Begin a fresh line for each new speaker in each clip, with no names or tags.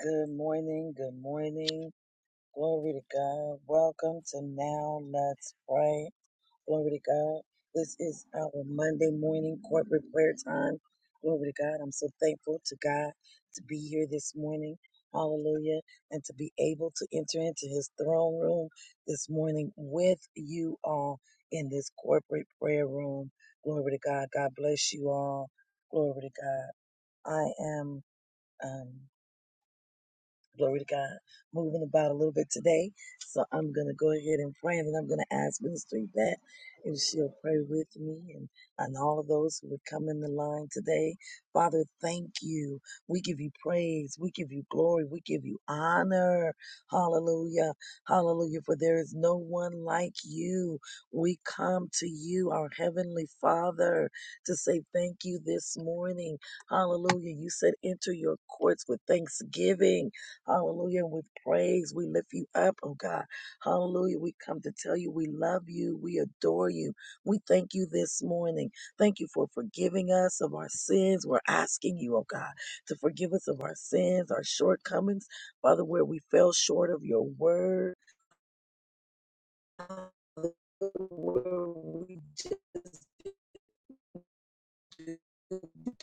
Good morning. Good morning. Glory to God. Welcome to Now Let's Pray. Glory to God. This is our Monday morning corporate prayer time. Glory to God. I'm so thankful to God to be here this morning. Hallelujah. And to be able to enter into his throne room this morning with you all in this corporate prayer room. Glory to God. God bless you all. Glory to God. I am. um, Glory to God. Moving about a little bit today. So I'm going to go ahead and pray and then I'm going to ask Minister Yvette if she'll pray with me and, and all of those who would come in the line today. Father, thank you. We give you praise. We give you glory. We give you honor. Hallelujah. Hallelujah. For there is no one like you. We come to you, our Heavenly Father, to say thank you this morning. Hallelujah. You said enter your courts with thanksgiving Hallelujah. And we praise, we lift you up, oh God. Hallelujah. We come to tell you we love you, we adore you. We thank you this morning. Thank you for forgiving us of our sins. We're asking you, oh God, to forgive us of our sins, our shortcomings, Father, where we fell short of your word. Where we just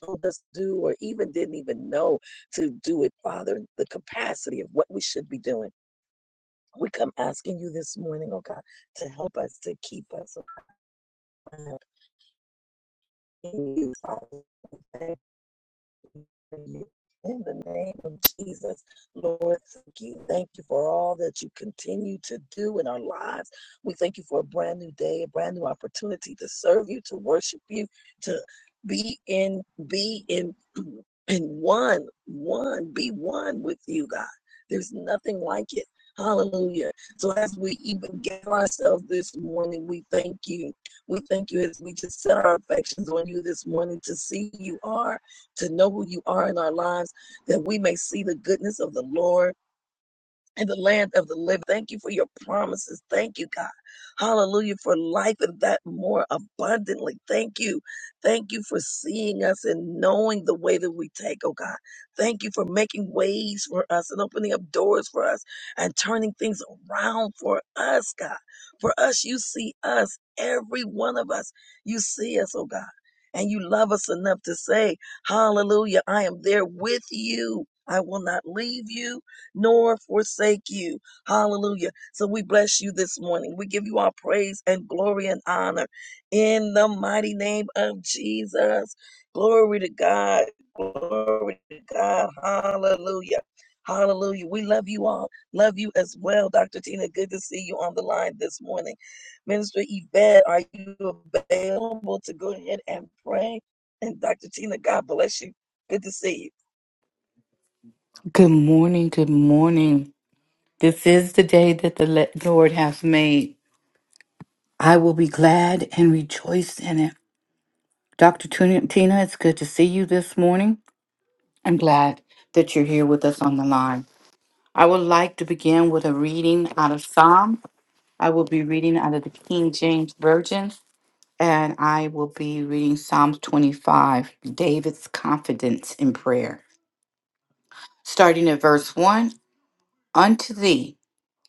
told us to do or even didn't even know to do it, Father, the capacity of what we should be doing. We come asking you this morning, oh God, to help us, to keep us alive in you, Father. you. In the name of Jesus, Lord, thank you. Thank you for all that you continue to do in our lives. We thank you for a brand new day, a brand new opportunity to serve you, to worship you, to be in, be in, in one, one, be one with you, God. There's nothing like it. Hallelujah. So as we even give ourselves this morning, we thank you. We thank you as we just set our affections on you this morning to see who you are to know who you are in our lives, that we may see the goodness of the Lord in the land of the living. Thank you for your promises. Thank you, God. Hallelujah for life and that more abundantly. Thank you. Thank you for seeing us and knowing the way that we take, oh God. Thank you for making ways for us and opening up doors for us and turning things around for us, God. For us, you see us, every one of us. You see us, oh God. And you love us enough to say, Hallelujah, I am there with you. I will not leave you nor forsake you. Hallelujah. So we bless you this morning. We give you our praise and glory and honor in the mighty name of Jesus. Glory to God. Glory to God. Hallelujah. Hallelujah. We love you all. Love you as well, Dr. Tina. Good to see you on the line this morning. Minister Yvette, are you available to go ahead and pray? And Dr. Tina, God bless you. Good to see you.
Good morning. Good morning. This is the day that the le- Lord has made. I will be glad and rejoice in it. Dr. Tun- Tina, it's good to see you this morning. I'm glad that you're here with us on the line. I would like to begin with a reading out of Psalm. I will be reading out of the King James Version, and I will be reading Psalm 25, David's confidence in prayer. Starting at verse 1 Unto thee,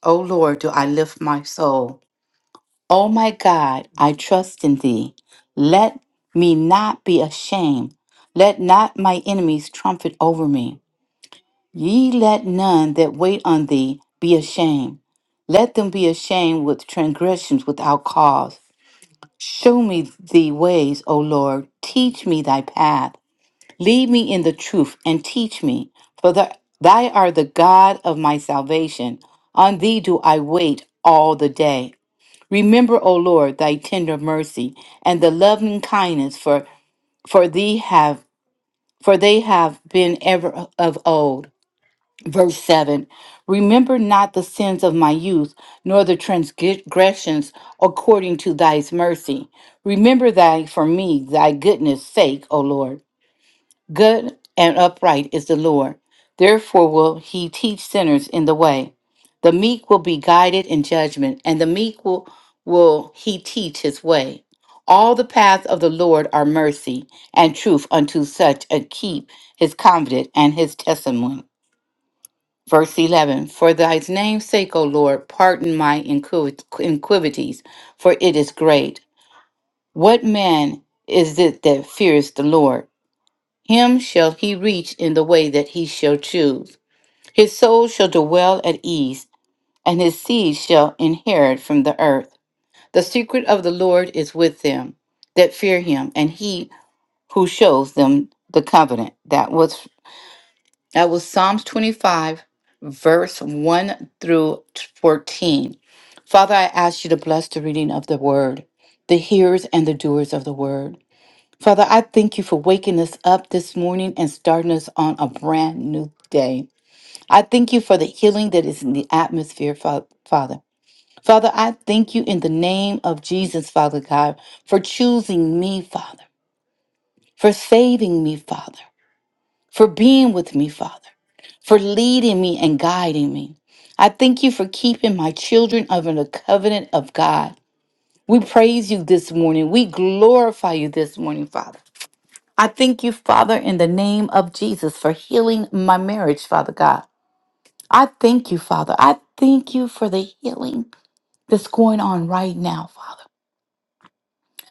O Lord, do I lift my soul. O my God, I trust in thee. Let me not be ashamed. Let not my enemies triumph over me. Ye let none that wait on thee be ashamed. Let them be ashamed with transgressions without cause. Show me thy ways, O Lord. Teach me thy path. Lead me in the truth and teach me. For the, thou art the God of my salvation. On thee do I wait all the day. Remember, O Lord, thy tender mercy and the loving kindness for for thee have for they have been ever of old. Verse 7 Remember not the sins of my youth, nor the transgressions according to thy mercy. Remember thy for me thy goodness sake, O Lord Good and upright is the Lord. Therefore will he teach sinners in the way. The meek will be guided in judgment, and the meek will, will he teach his way. All the paths of the Lord are mercy and truth unto such as keep his covenant and his testimony. Verse 11 For thy name's sake, O Lord, pardon my inquiv- inquivities, for it is great. What man is it that fears the Lord? Him shall he reach in the way that he shall choose. His soul shall dwell at ease, and his seed shall inherit from the earth. The secret of the Lord is with them that fear him, and he who shows them the covenant. That was that was Psalms 25, verse 1 through 14. Father, I ask you to bless the reading of the word, the hearers and the doers of the word. Father, I thank you for waking us up this morning and starting us on a brand new day. I thank you for the healing that is in the atmosphere, Fa- Father. Father, I thank you in the name of Jesus, Father God, for choosing me, Father, for saving me, Father, for being with me, Father, for leading me and guiding me. I thank you for keeping my children under the covenant of God. We praise you this morning. We glorify you this morning, Father. I thank you, Father, in the name of Jesus for healing my marriage, Father God. I thank you, Father. I thank you for the healing that's going on right now, Father.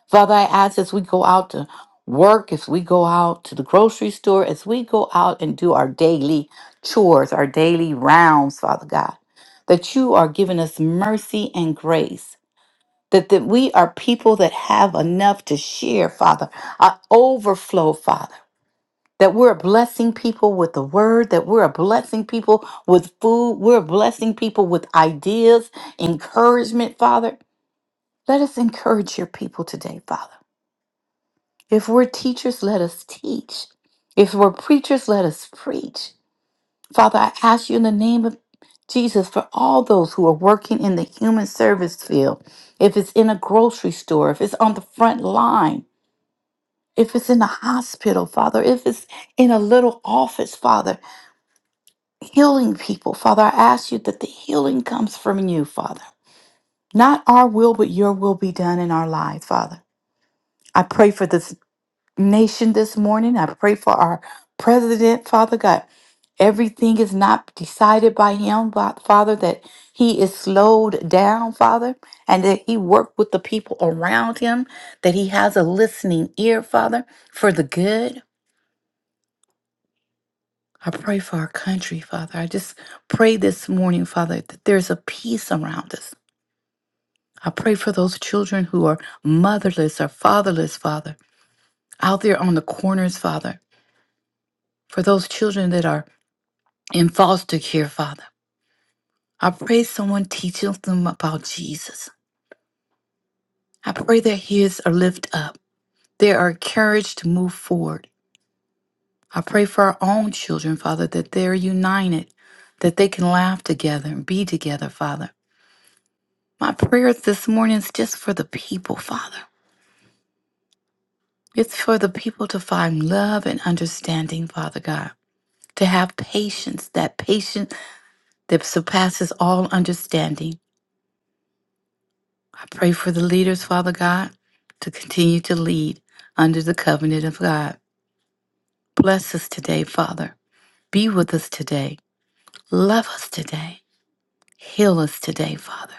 Father, I ask as we go out to work, as we go out to the grocery store, as we go out and do our daily chores, our daily rounds, Father God, that you are giving us mercy and grace. That, that we are people that have enough to share, Father, an overflow, Father. that we're blessing people with the word, that we're blessing people with food, we're blessing people with ideas, encouragement, Father. Let us encourage your people today, Father. If we're teachers, let us teach. If we're preachers, let us preach. Father, I ask you in the name of Jesus for all those who are working in the human service field, if it's in a grocery store, if it's on the front line, if it's in a hospital, Father, if it's in a little office, Father. healing people. Father, I ask you that the healing comes from you, Father. Not our will, but your will be done in our lives, Father. I pray for this nation this morning. I pray for our president, Father God. Everything is not decided by him, but Father, that he is slowed down, Father, and that he worked with the people around him, that he has a listening ear, Father, for the good. I pray for our country, Father. I just pray this morning, Father, that there's a peace around us. I pray for those children who are motherless or fatherless, Father, out there on the corners, Father, for those children that are in foster care, Father. I pray someone teaches them about Jesus. I pray their heads are lifted up. They are encouraged to move forward. I pray for our own children, Father, that they're united, that they can laugh together and be together, Father. My prayers this morning is just for the people, Father. It's for the people to find love and understanding, Father God, to have patience, that patience that surpasses all understanding. I pray for the leaders, Father God, to continue to lead under the covenant of God. Bless us today, Father. Be with us today. Love us today. Heal us today, Father.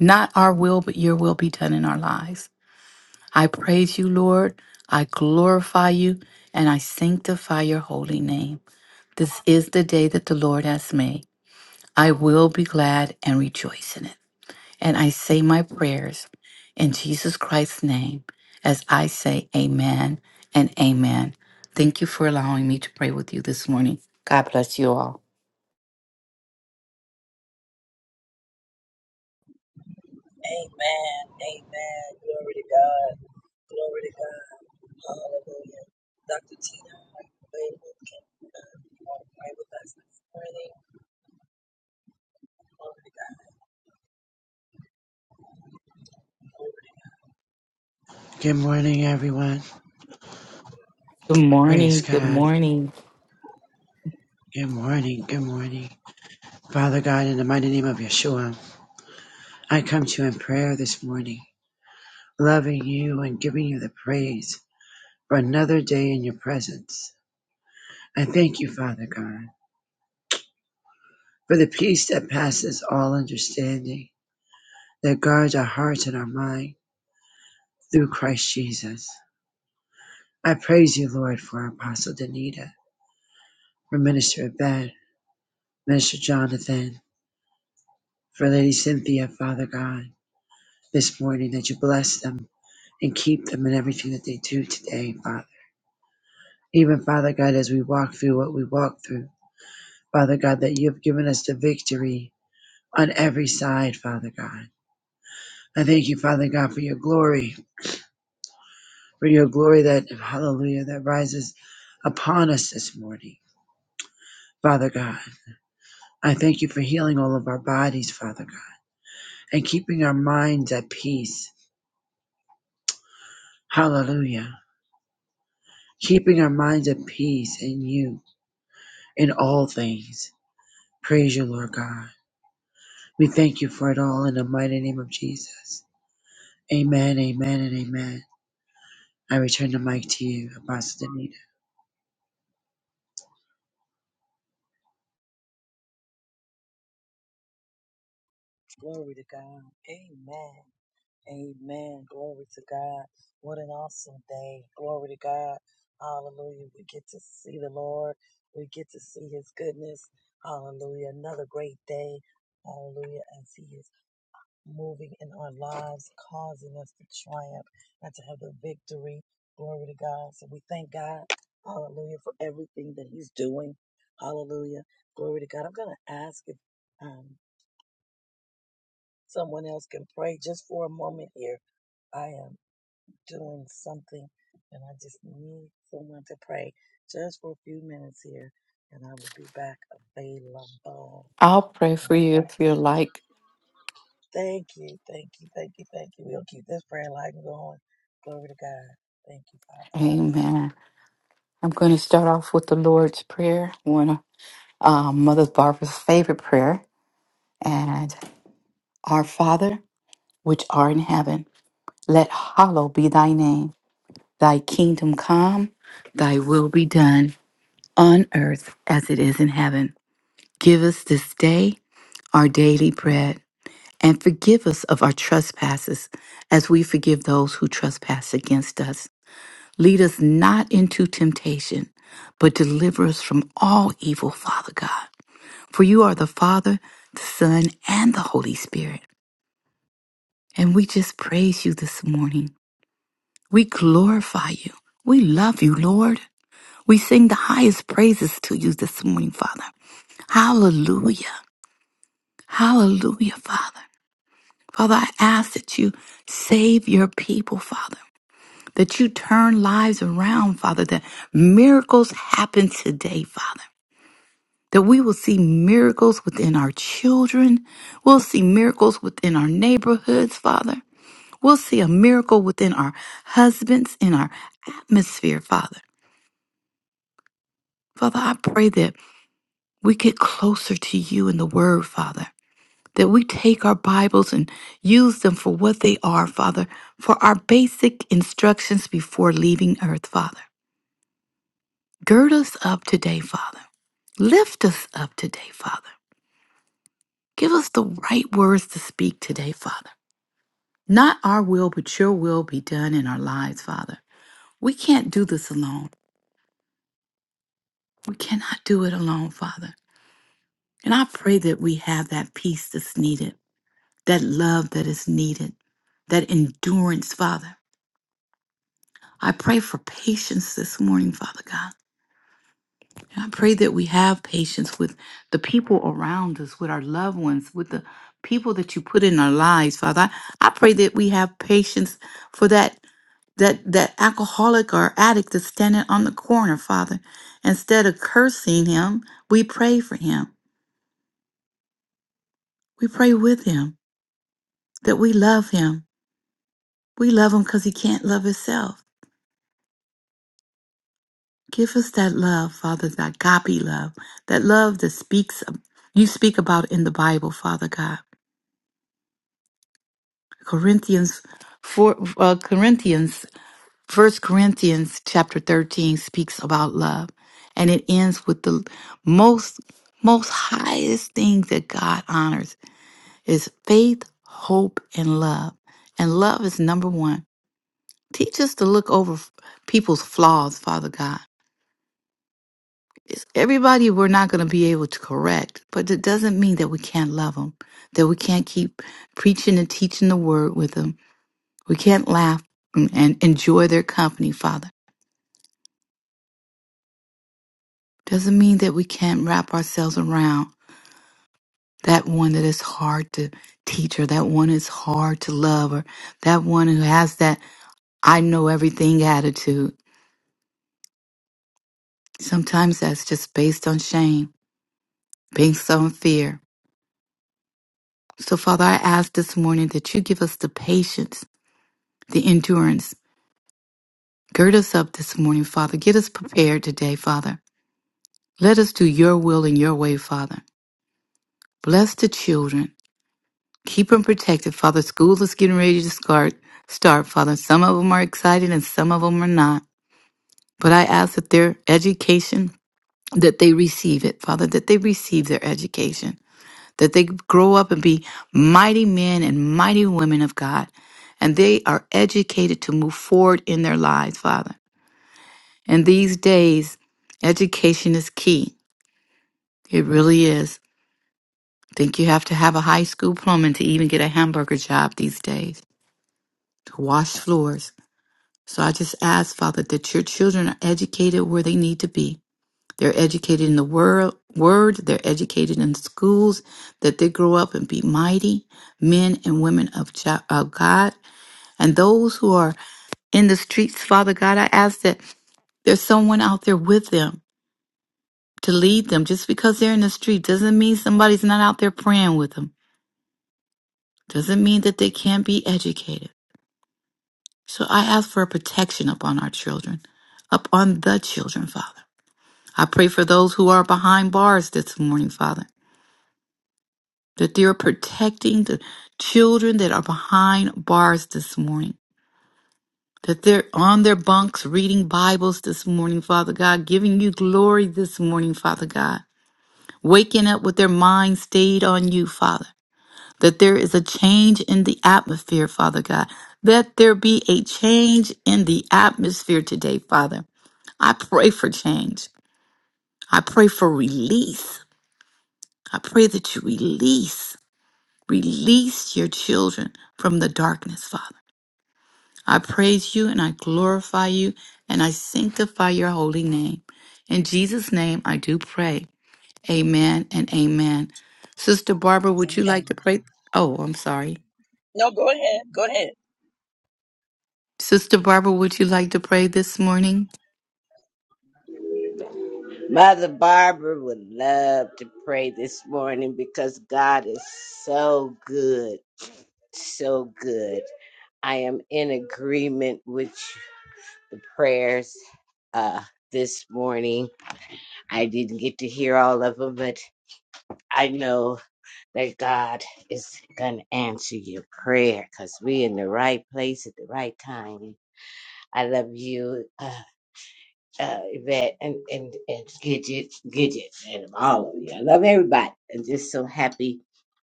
Not our will, but your will be done in our lives. I praise you, Lord. I glorify you and I sanctify your holy name. This is the day that the Lord has made. I will be glad and rejoice in it. And I say my prayers in Jesus Christ's name as I say amen and amen. Thank you for allowing me to pray with you this morning. God bless you all.
Amen. Amen. Glory to God. Glory to God. Hallelujah. Dr. Tina, are you available? Can uh, you want to pray with us this morning? Glory
Good morning, everyone.
Good
Praise
morning. Good
God.
morning.
Good morning. Good morning. Father God, in the mighty name of Yeshua, I come to you in prayer this morning, loving you and giving you the praise for another day in your presence. I thank you, Father God, for the peace that passes all understanding that guards our hearts and our mind through Christ Jesus. I praise you, Lord, for Apostle Danita, for Minister Abed, Minister Jonathan, for Lady Cynthia, Father God. this morning, that you bless them and keep them in everything that they do today, Father. Even, Father God, as we walk through what we walk through, Father God, that you have given us the victory on every side, Father God. I thank you, Father God, for your glory, for your glory that, hallelujah, that rises upon us this morning. Father God, I thank you for healing all of our bodies, Father God, and keeping our minds at peace. Hallelujah. Keeping our minds at peace in you in all things. Praise you, Lord God. We thank you for it all in the mighty name of Jesus. Amen, amen, and amen. I return the mic to you, Apostle Danita.
to, glory to God. Amen. Amen. Glory to God. What an awesome day. Glory to God. Hallelujah. We get to see the Lord. We get to see his goodness. Hallelujah. Another great day. Hallelujah. As he is moving in our lives, causing us to triumph and to have the victory. Glory to God. So we thank God. Hallelujah. For everything that he's doing. Hallelujah. Glory to God. I'm going to ask if um, someone else can pray just for a moment here. I am doing something, and I just need someone to pray just for a few minutes here, and I will be back available.
I'll pray for you
Right.
if you like.
Thank you, thank you, thank you, thank you. We'll keep this prayer line going. Glory to God. Thank you, Father.
Amen. I'm going to start off with the Lord's Prayer. um, Mother Barbara's favorite prayer. And our Father, which art in heaven, let hallow be thy name. Thy kingdom come, thy will be done on earth as it is in heaven. Give us this day our daily bread and forgive us of our trespasses as we forgive those who trespass against us. Lead us not into temptation, but deliver us from all evil, Father God. For you are the Father, the Son, and the Holy Spirit. And we just praise you this morning. We glorify you. We love you, Lord. We sing the highest praises to you this morning, Father. Hallelujah. Hallelujah, Father. Father, I ask that you save your people, Father, that you turn lives around, Father, that miracles happen today, Father. that we will see miracles within our children. We'll see miracles within our neighborhoods, Father. We'll see a miracle within our husbands, in our atmosphere, Father. Father, I pray that we get closer to you in the Word, Father. That we take our Bibles and use them for what they are, Father, for our basic instructions before leaving earth, Father. Gird us up today, Father. Lift us up today, Father. Give us the right words to speak today, Father. Not our will, but your will be done in our lives, Father. We can't do this alone. We cannot do it alone, Father. And I pray that we have that peace that's needed, that love that is needed, that endurance, Father. I pray for patience this morning, Father God. And I pray that we have patience with the people around us, with our loved ones, with the people that you put in our lives, Father. I, I pray that we have patience for that that that alcoholic or addict that's standing on the corner, Father. Instead of cursing him, we pray for him. We pray with him that we love him. We love him because he can't love himself. Give us that love, Father, that agape love, that love that speaks you speak about in the Bible, Father God. Corinthians four uh, Corinthians First Corinthians chapter thirteen speaks about love, and it ends with the most most highest thing that God honors is faith, hope, and love. And love is number one. Teach us to look over f- people's flaws, Father God. It's everybody we're not going to be able to correct, but it doesn't mean that we can't love them, that we can't keep preaching and teaching the word with them, We can't laugh and and enjoy their company, Father. Doesn't mean that we can't wrap ourselves around that one that is hard to teach or that one is hard to love or that one who has that I know everything attitude. Sometimes that's just based on shame, based on fear. So, Father, I ask this morning that you give us the patience, the endurance. Gird us up this morning, Father. Get us prepared today, Father. Let us do your will in your way, Father. Bless the children. Keep them protected, Father. School is getting ready to start, start, Father. Some of them are excited and some of them are not. But I ask that their education, that they receive it, Father, that they receive their education, that they grow up and be mighty men and mighty women of God. And they are educated to move forward in their lives, Father. And these days, education is key. It really is. I think you have to have a high school diploma to even get a hamburger job these days, to wash floors. So I just ask, Father, that your children are educated where they need to be. They're educated in the word, word, they're educated in schools, that they grow up and be mighty men and women of, Jo- of God. And those who are in the streets, Father God, I ask that there's someone out there with them to lead them. Just because they're in the street doesn't mean somebody's not out there praying with them, doesn't mean that they can't be educated. So I ask for a protection upon our children, upon the children, Father. I pray for those who are behind bars this morning, Father, that they're protecting the children that are behind bars this morning, that they're on their bunks reading Bibles this morning, Father God, giving you glory this morning, Father God, waking up with their mind stayed on you, Father, that there is a change in the atmosphere, Father God. Let there be a change in the atmosphere today, Father. I pray for change. I pray for release. I pray that you release, release your children from the darkness, Father. I praise you and I glorify you and I sanctify your holy name. In Jesus' name, I do pray. Amen and amen. Sister Barbara, would you like to
Amen.
pray? Oh, I'm sorry.
No, go ahead. Go ahead.
Sister Barbara, would you like to pray this morning?
Mother Barbara would love to pray this morning because God is so good, so good. I am in agreement with the prayers uh, this morning. I didn't get to hear all of them, but I know that God is going to answer your prayer because we in the right place at the right time. I love you. uh, uh, Yvette and, and, and Gidget, Gidget, and all of you. I love everybody. I'm just so happy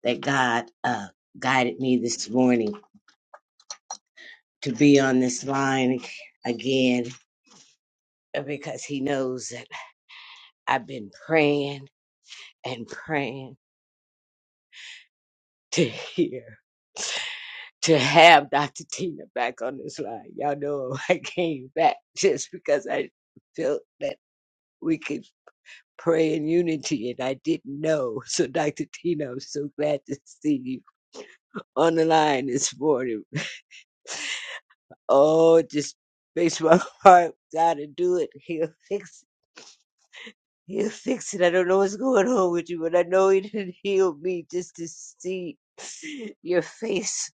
that God uh, guided me this morning to be on this line again uh, because He knows that I've been praying and praying to hear. To have Dr. Tina back on this line. Y'all know I came back just because I felt that we could pray in unity, and I didn't know. So, Dr. Tina, I'm so glad to see you on the line this morning. Oh, it just makes my heart gotta do it. He'll fix it. He'll fix it. I don't know what's going on with you, but I know he didn't heal me just to see your face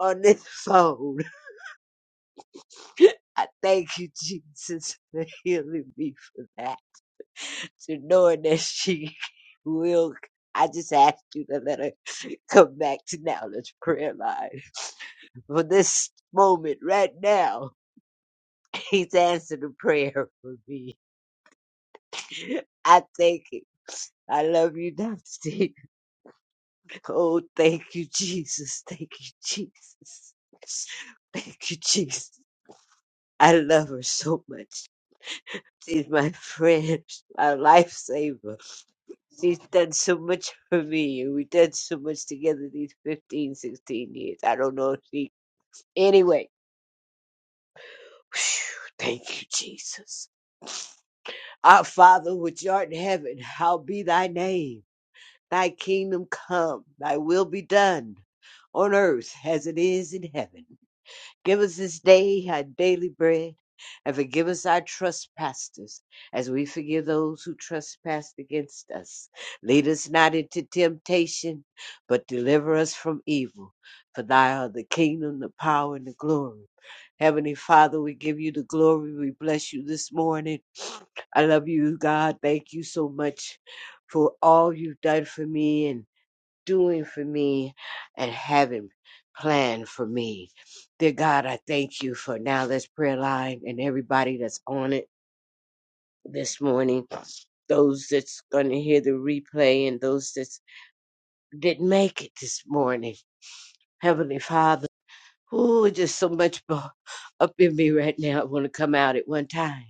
on this phone. I thank you, Jesus, for healing me for that. To knowing that she will I just ask you to let her come back to now us prayer line for this moment right now. He's answered the prayer for me. I thank you. I love you, Dr. Steve. Oh, thank you, Jesus. Thank you, Jesus. Thank you, Jesus. I love her so much. She's my friend, my lifesaver. She's done so much for me, and we've done so much together these 15, 16 years. I don't know if she. Anyway, thank you, Jesus. Our Father, which art in heaven, how be thy name Thy kingdom come, thy will be done on earth as it is in heaven. Give us this day our daily bread, and forgive us our trespasses, as we forgive those who trespass against us. Lead us not into temptation, but deliver us from evil. For thine art the kingdom, the power, and the glory. Heavenly Father, we give you the glory. We bless you this morning. I love you, God. Thank you so much for all you've done for me and doing for me and having planned for me. Dear God, I thank you for now this prayer line and everybody that's on it this morning. Those that's going to hear the replay and those that didn't make it this morning. Heavenly Father, ooh, just so much bo- up in me right now. I want to come out at one time.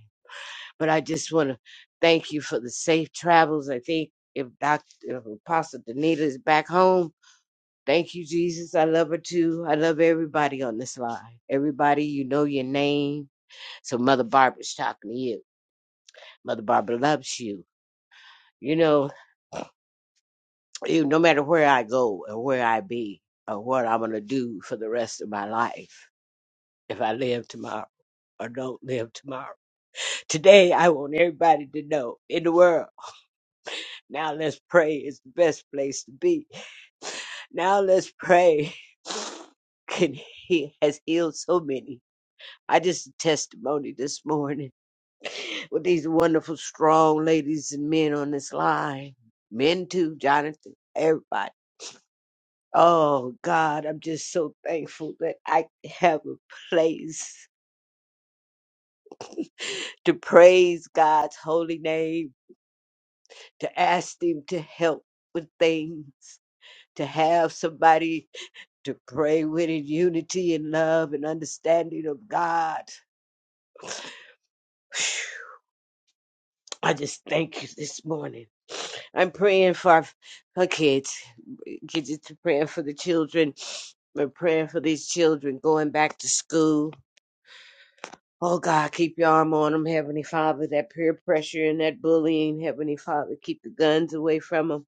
But I just want to thank you for the safe travels. I think if Dr. if Apostle Danita is back home, Thank you, Jesus. I love her too. I love everybody on this line. Everybody, you know your name. So Mother Barbara's talking to you. Mother Barbara loves you. You know, you, no matter where I go or where I be or what I'm going to do for the rest of my life, if I live tomorrow or don't live tomorrow. Today, I want everybody to know in the world. Now let's pray. It's the best place to be. Now let's pray. Can he has healed so many. I just testimony this morning with these wonderful, strong ladies and men on this line. Men too, Jonathan, everybody. Oh God, I'm just so thankful that I have a place to praise God's holy name, to ask Him to help with things, to have somebody to pray with in unity and love and understanding of God. I just thank you this morning. I'm praying for our- her kids. Kids it's praying for the children. We're praying for these children going back to school. Oh God, keep your arm on them, Heavenly Father. That peer pressure and that bullying, Heavenly Father, keep the guns away from them.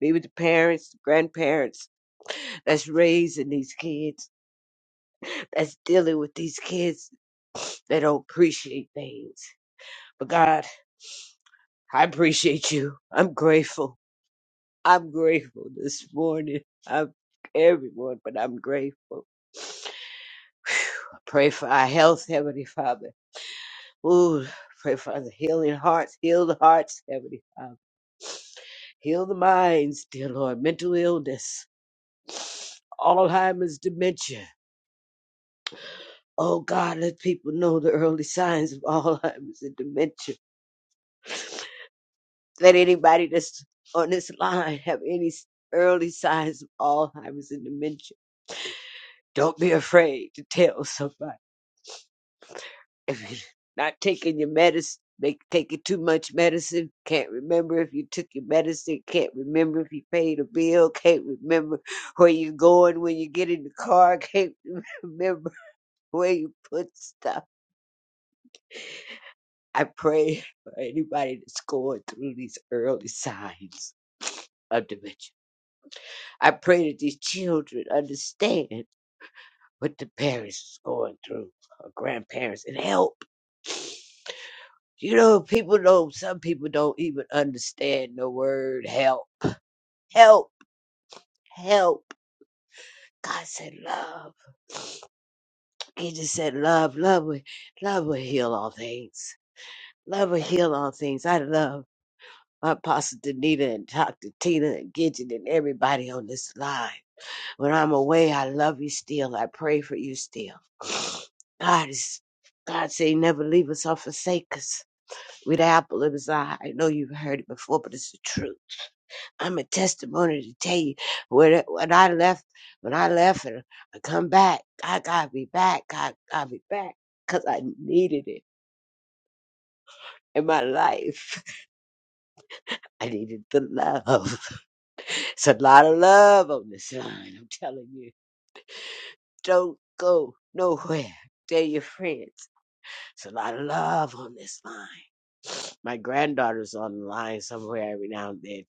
Be with the parents, the grandparents that's raising these kids, that's dealing with these kids that don't appreciate things. But God, I appreciate you. I'm grateful. I'm grateful this morning. I'm everyone, but I'm grateful. I pray for our health, Heavenly Father. Ooh, pray for the healing hearts, heal the hearts, Heavenly Father. Heal the minds, dear Lord. Mental illness, Alzheimer's, dementia. Oh God, let people know the early signs of Alzheimer's and dementia. Let anybody that's on this line have any s- early signs of Alzheimer's and dementia. Don't be afraid to tell somebody If you're Not taking your medicine, make taking too much medicine. Can't remember if you took your medicine. Can't remember if you paid a bill. Can't remember where you're going when you get in the car. Can't remember where you put stuff. I pray for anybody that's going through these early signs of dementia. I pray that these children understand what the parents is going through, or grandparents, and help. You know, people don't, some people don't even understand the word help. Help, help. God said love. He just said love, love, will- love will heal all things. Love will heal all things. I love my Apostle Danita and Dr. Tina and Gidget and everybody on this line. When I'm away, I love you still. I pray for you still. God is, God said he never leave us or forsake us. With the apple of his eye. I know you've heard it before, but it's the truth I'm a testimony to tell you when when I left when I left and I come back, I gotta be back, i gotta be back, cause I needed it in my life. I needed the love. It's a lot of love on this line. I'm telling you, don't go nowhere. Tell your friends. It's a lot of love on this line. My granddaughter's on the line somewhere every now and then.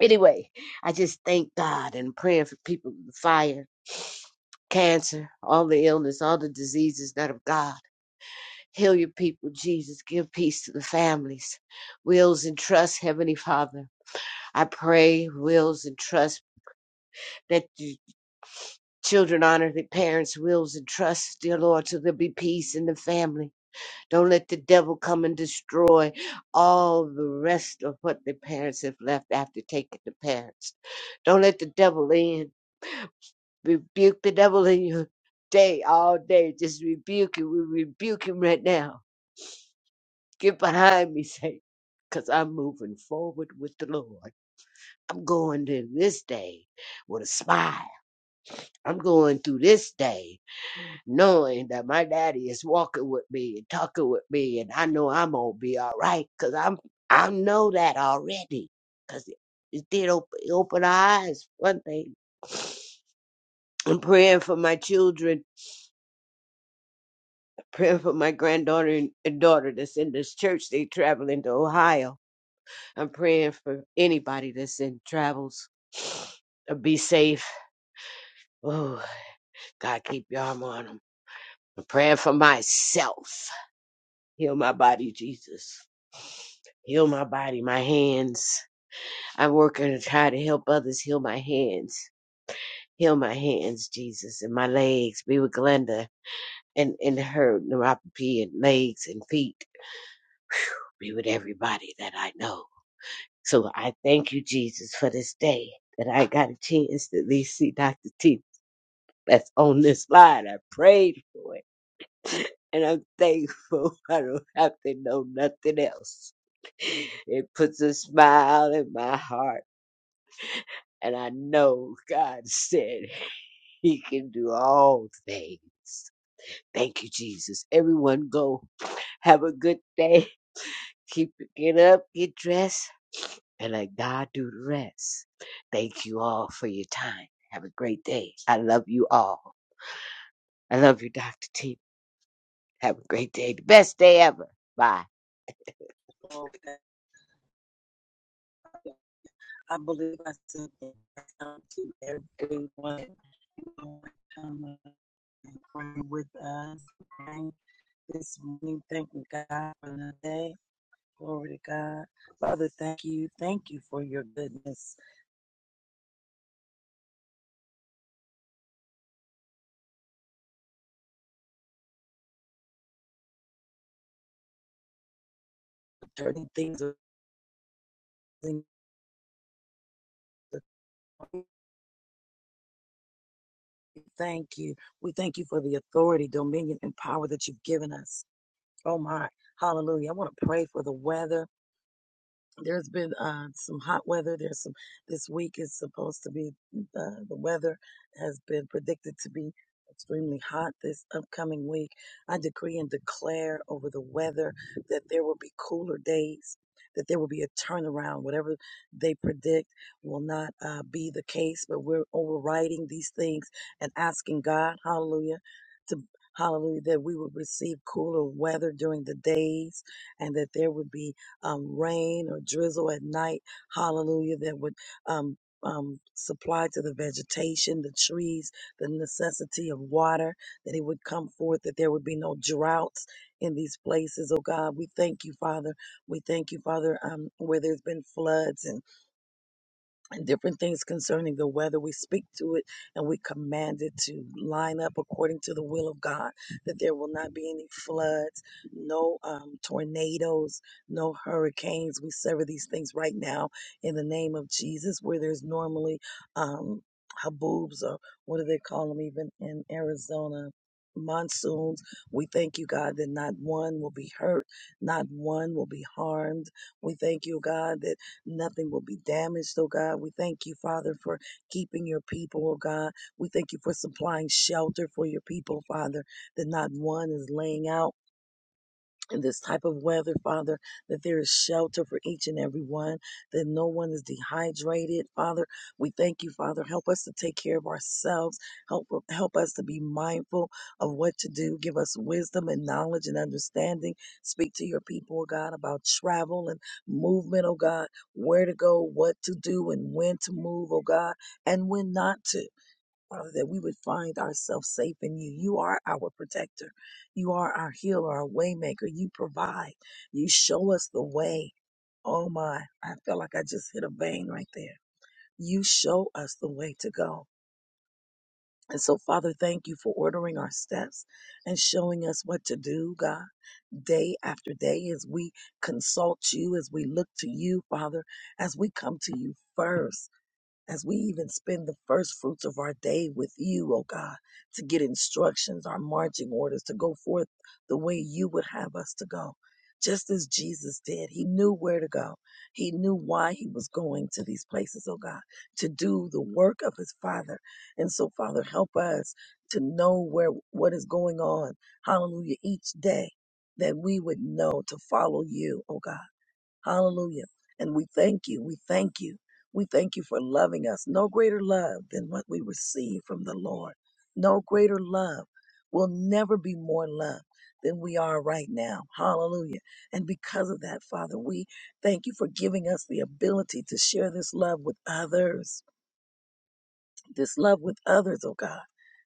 Anyway, I just thank God and praying for people in the fire cancer, all the illness, all the diseases not of God. Heal your people, Jesus. Give peace to the families. Wills and trusts, Heavenly Father. I pray, wills and trusts that the children honor their parents' wills and trusts, dear Lord, so there'll be peace in the family. Don't let the devil come and destroy all the rest of what the parents have left after taking the parents. Don't let the devil in. Rebuke the devil in your day, all day. Just rebuke him. We rebuke him right now. Get behind me, Satan, because I'm moving forward with the Lord. I'm going to this day with a smile. I'm going through this day knowing that my daddy is walking with me and talking with me, and I know I'm gonna be all right because I'm I know that already because it, it did open open our eyes. One thing, I'm praying for my children praying for my granddaughter and daughter that's in this church. They traveling to Ohio. I'm praying for anybody that's in travels. Uh, Be safe. Oh, God, keep your arm on them. I'm praying for myself. Heal my body, Jesus. Heal my body, my hands. I'm working to try to help others heal my hands. Heal my hands, Jesus, and my legs. Be with Glenda and, and her neuropathy and legs and feet. Be with everybody that I know So I thank you, Jesus, for this day that I got a chance to at least see Dr. T that's on this line. I prayed for it. And I'm thankful I don't have to know nothing else. It puts a smile in my heart. And I know God said He can do all things. Thank you, Jesus. Everyone go. Have a good day. Keep it, get up, get dressed and let God do the rest. Thank you all for your time. Have a great day. I love you all. I love you, Dr. T. Have a great day. The best day ever. Bye.
Glory to God. I believe I said that to everyone. Um, praying with us, praying this morning, thanking God for the day. Glory to God. Father, thank you. Thank you for your goodness. Turning things around. Thank you. We thank you for the authority, dominion, and power that you've given us. Oh my. Hallelujah. I want to pray for the weather. There's been uh, some hot weather. There's some this week is supposed to be mm, uh, the weather has been predicted to be extremely hot this upcoming week. I decree and declare over the weather that there will be cooler days. That there will be a turnaround. Whatever they predict will not uh, be the case, but we're overriding these things and asking God, hallelujah, to hallelujah, that we would receive cooler weather during the days and that there would be um, rain or drizzle at night, hallelujah, that would um, um, supply to the vegetation, the trees, the necessity of water, that it would come forth, that there would be no droughts in these places, oh God. We thank you, Father. We thank you, Father, um, where there's been floods and and different things concerning the weather. We speak to it and we command it to line up according to the will of God, that there will not be any floods, no um, tornadoes, no hurricanes. We sever these things right now in the name of Jesus, where there's normally um, haboobs or what do they call them even in Arizona? Monsoons. We thank you, God, that not one will be hurt, not one will be harmed. We thank you, God, that Nothing will be damaged, oh God. We thank you, Father, for keeping your people, oh God. We thank you for supplying shelter for your people, Father, that not one is laying out in this type of weather, Father, that there is shelter for each and every one, that no one is dehydrated, Father. We thank you, Father. Help us to take care of ourselves. Help help us to be mindful of what to do. Give us wisdom and knowledge and understanding. Speak to your people, oh God, about travel and movement, oh God, where to go, what to do, and when to move, oh God, and when not to. Father, that we would find ourselves safe in you. You are our protector. You are our healer, our waymaker. You provide. You show us the way. Oh my, I felt like I just hit a vein right there. You show us the way to go. And so, Father, thank you for ordering our steps and showing us what to do, God, day after day, as we consult you, as we look to you, Father, as we come to you first as we even spend the first fruits of our day with you, O God, to get instructions, our marching orders, to go forth the way you would have us to go. Just as Jesus did, he knew where to go. He knew why he was going to these places, oh God, to do the work of his Father. And so, Father, help us to know where what is going on. Hallelujah. Each day that we would know to follow you, oh God Hallelujah. And we thank you. We thank you. We thank you for loving us. No greater love than what we receive from the Lord. No greater love. will never be more loved than we are right now. Hallelujah. And because of that, Father, we thank you for giving us the ability to share this love with others this love with others, oh God.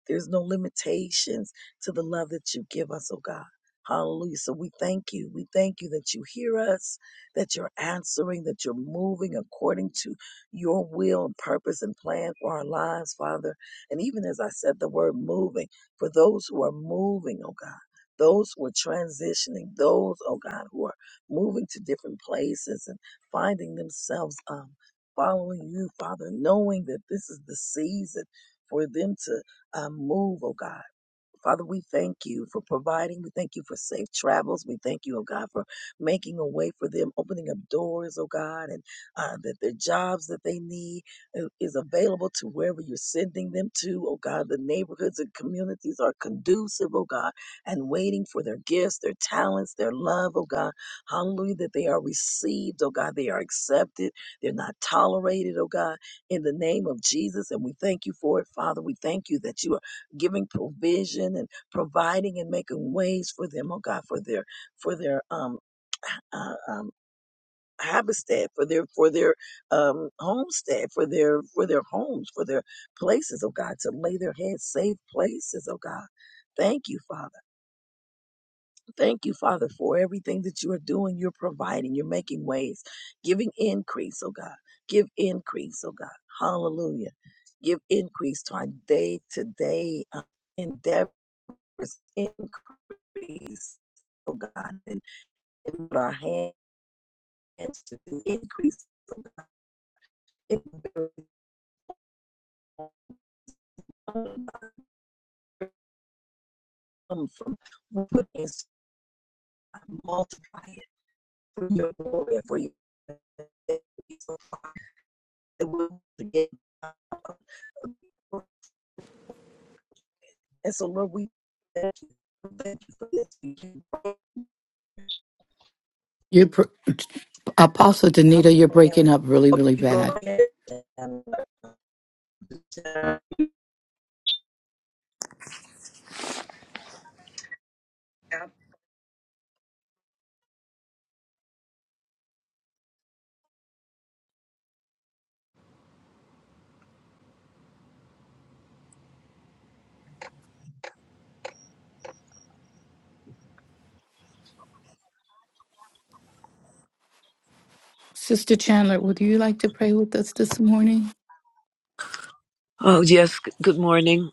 There's no limitations to the love that you give us, oh God. Hallelujah. So we thank you. We thank you that you hear us, that you're answering, that you're moving according to your will and purpose and plan for our lives, Father. And even as I said the word moving, for those who are moving, oh God, those who are transitioning, those, oh God, who are moving to different places and finding themselves, Um following you, Father, knowing that this is the season for them to uh, move, oh God. Father, we thank you for providing. We thank you for safe travels. We thank you, oh God, for making a way for them, opening up doors, oh God, and uh, that their jobs that they need i- is available to wherever you're sending them to, oh God. The neighborhoods and communities are conducive, oh God, and waiting for their gifts, their talents, their love, oh God. Hallelujah, that they are received, oh God. They are accepted. They're not tolerated, oh God, in the name of Jesus. And we thank you for it, Father. We thank you that you are giving provision and providing and making ways for them, oh God, for their for their um, uh, um habitat, for their for their um homestead, for their for their homes, for their places, oh God, to lay their heads safe places, oh God. Thank you, Father. Thank you, Father, for everything that you are doing. You're providing, you're making ways, giving increase, oh God. Give increase, oh God. Hallelujah. Give increase to our day to day endeavor. increase, oh God, and put our hands to the increase, oh God. It will come from put is multiply it for your glory for your so Father, that we'll forget and so Lord, we thank you, thank you for this. We can pray
You're br- Apostle Danita, you're breaking up really, really
Okay, go
bad.
ahead. uh,
Sister Chandler, would you like to pray with us this morning?
Oh, yes. G- Good morning.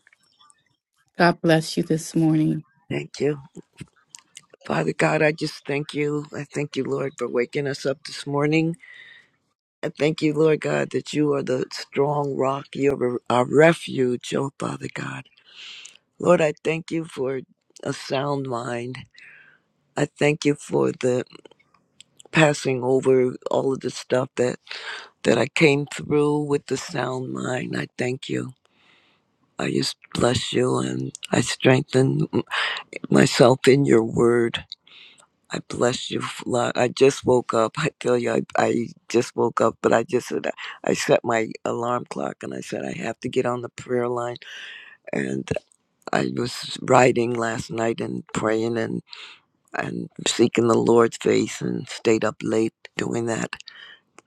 God bless you this morning.
Thank you. Father God, I just thank you. I thank you, Lord, for waking us up this morning. I thank you, Lord God, that you are the strong rock. You're our refuge, oh, Father God. Lord, I thank you for a sound mind. I thank you for the passing over all of the stuff that, that I came through with the sound mind. I thank you. I just bless you and I strengthen myself in your word. I bless you, Lord. I just woke up. I tell you, I, I just woke up, but I just said I set my alarm clock and I said I have to get on the prayer line. And I was writing last night and praying and and seeking the Lord's face and stayed up late doing that.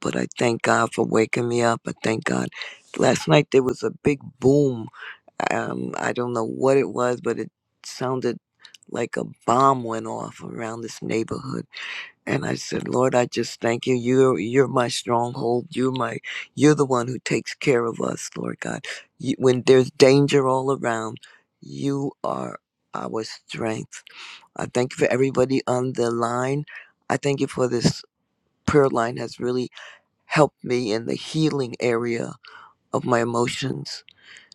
But I thank God for waking me up. I thank God. Last night there was a big boom. Um, I don't know what it was, but it sounded like a bomb went off around this neighborhood and I said, Lord, I just thank you. You're you're my stronghold. You're my you're the one who takes care of us, Lord God. You, when there's danger all around, you are our strength. I thank you for everybody on the line. I thank you for this prayer line has really helped me in the healing area of my emotions.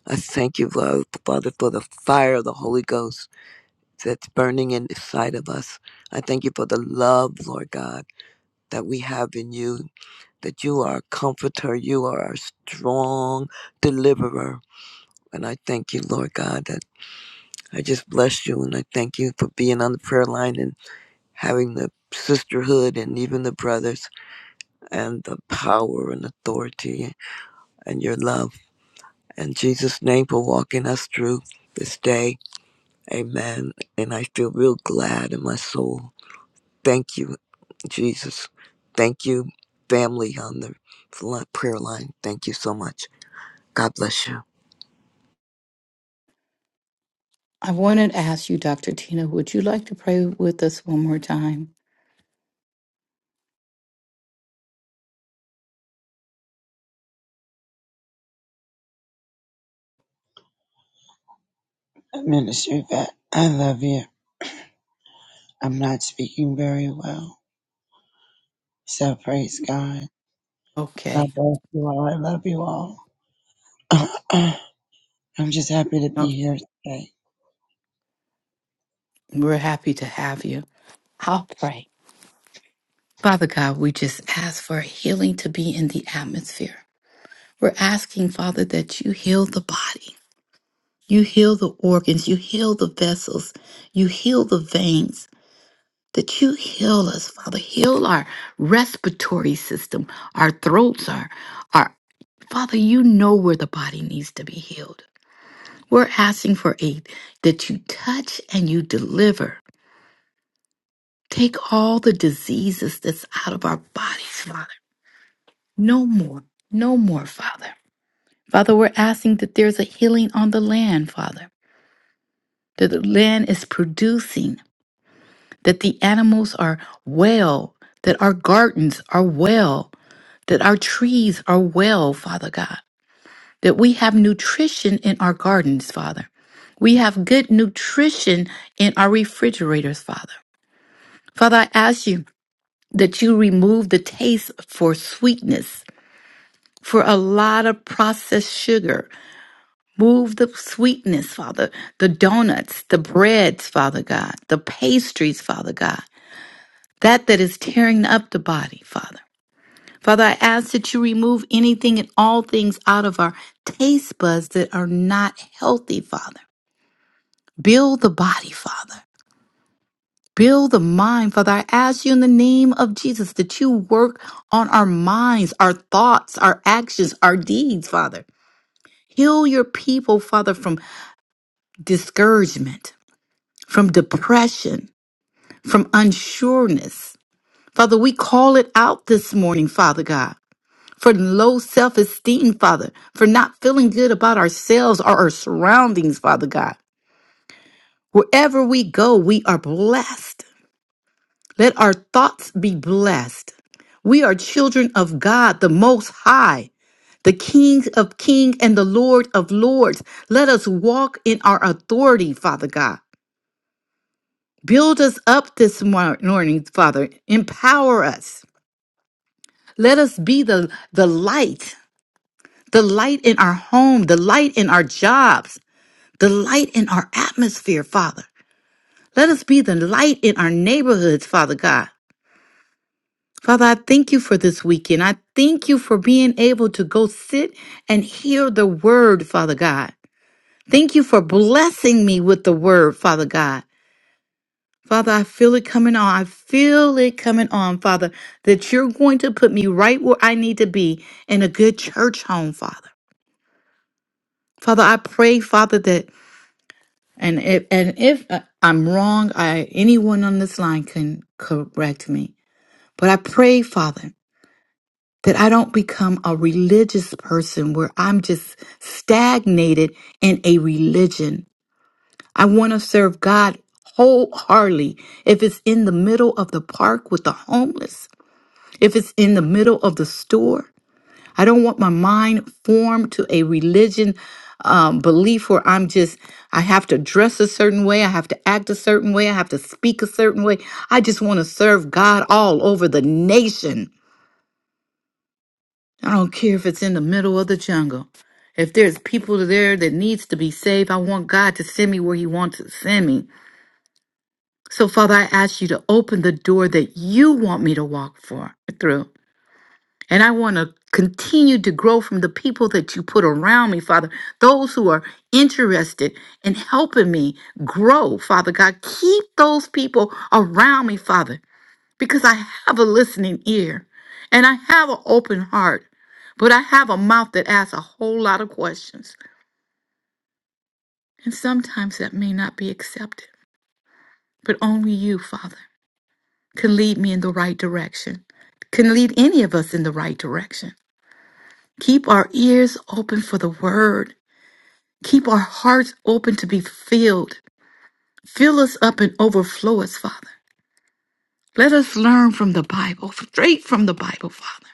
I thank you, Fa- Father, for the fire of the Holy Ghost that's burning inside of us. I thank you for the love, Lord God, that we have in you that you are a comforter, you are a strong deliverer. And I thank you, Lord God, that I just bless you and I thank you for being on the prayer line and having the sisterhood and even the brothers and the power and authority and your love. And Jesus' name for walking us through this day. Amen. And I feel real glad in my soul. Thank you, Jesus. Thank you, family on the prayer line. Thank you so much. God bless you.
I wanted to ask you, Dr. Tina, would you like to pray with us one more time?
Minister Yvette, I love you. I'm not speaking very well. So praise God. God
Okay.
bless you all. I love you all. I'm just happy to
No,
be here today.
We're happy to have you. I'll pray. Father God, we just ask for healing to be in the atmosphere. We're asking, Father, that you heal the body, you heal the organs, you heal the vessels, you heal the veins, that you heal us, Father. Heal our respiratory system, our throats, our, our Father, you know where the body needs to be healed. We're asking for aid that you touch and you deliver. Take all the diseases that's out of our bodies, Father. No more, no more, Father. Father, we're asking that there's a healing on the land, Father, that the land is producing, that the animals are well, that our gardens are well, that our trees are well, Father God, that we have nutrition in our gardens, Father. We have good nutrition in our refrigerators, Father. Father, I ask you that you remove the taste for sweetness, for a lot of processed sugar. Move the sweetness, Father, the donuts, the breads, Father God, the pastries, Father God, that that is tearing up the body, Father. Father, I ask that you remove anything and all things out of our taste buds that are not healthy, Father. Build the body, Father. Build the mind, Father. I ask you in the name of Jesus that you work on our minds, our thoughts, our actions, our deeds, Father. Heal your people, Father, from discouragement, from depression, from unsureness. Father, we call it out this morning, Father God, for low self esteem, Father, for not feeling good about ourselves or our surroundings, Father God. Wherever we go, we are blessed. Let our thoughts be blessed. We are children of God, the Most High, the King of Kings and the Lord of Lords. Let us walk in our authority, Father God. Build us up this mor- morning, Father. Empower us. Let us be the, the light, the light in our home, the light in our jobs, the light in our atmosphere, Father. Let us be the light in our neighborhoods, Father God. Father, I thank you for this weekend. I thank you for being able to go sit and hear the word, Father God. Thank you for blessing me with the word, Father God. Father, I feel it coming on. I feel it coming on, Father, that you're going to put me right where I need to be in a good church home, Father. Father, I pray, Father, that and if and if uh, I'm wrong, I anyone on this line can correct me. But I pray, Father, that I don't become a religious person where I'm just stagnated in a religion. I want to serve God wholeheartedly. If it's in the middle of the park with the homeless, if it's in the middle of the store, I don't want my mind formed to a religion um, belief where I'm just, I have to dress a certain way, I have to act a certain way, I have to speak a certain way. I just want to serve God all over the nation. I don't care if it's in the middle of the jungle. If there's people there that needs to be saved, I want God to send me where he wants to send me. So Father, I ask you to open the door that you want me to walk for through. And I want to continue to grow from the people that you put around me, Father. Those who are interested in helping me grow, Father God. Keep those people around me, Father because I have a listening ear and I have an open heart, but I have a mouth that asks a whole lot of questions. And sometimes that may not be accepted. But only you, Father, can lead me in the right direction, can lead any of us in the right direction. Keep our ears open for the word, keep our hearts open to be filled. Fill us up and overflow us, Father. Let us learn from the Bible, straight from the Bible, Father,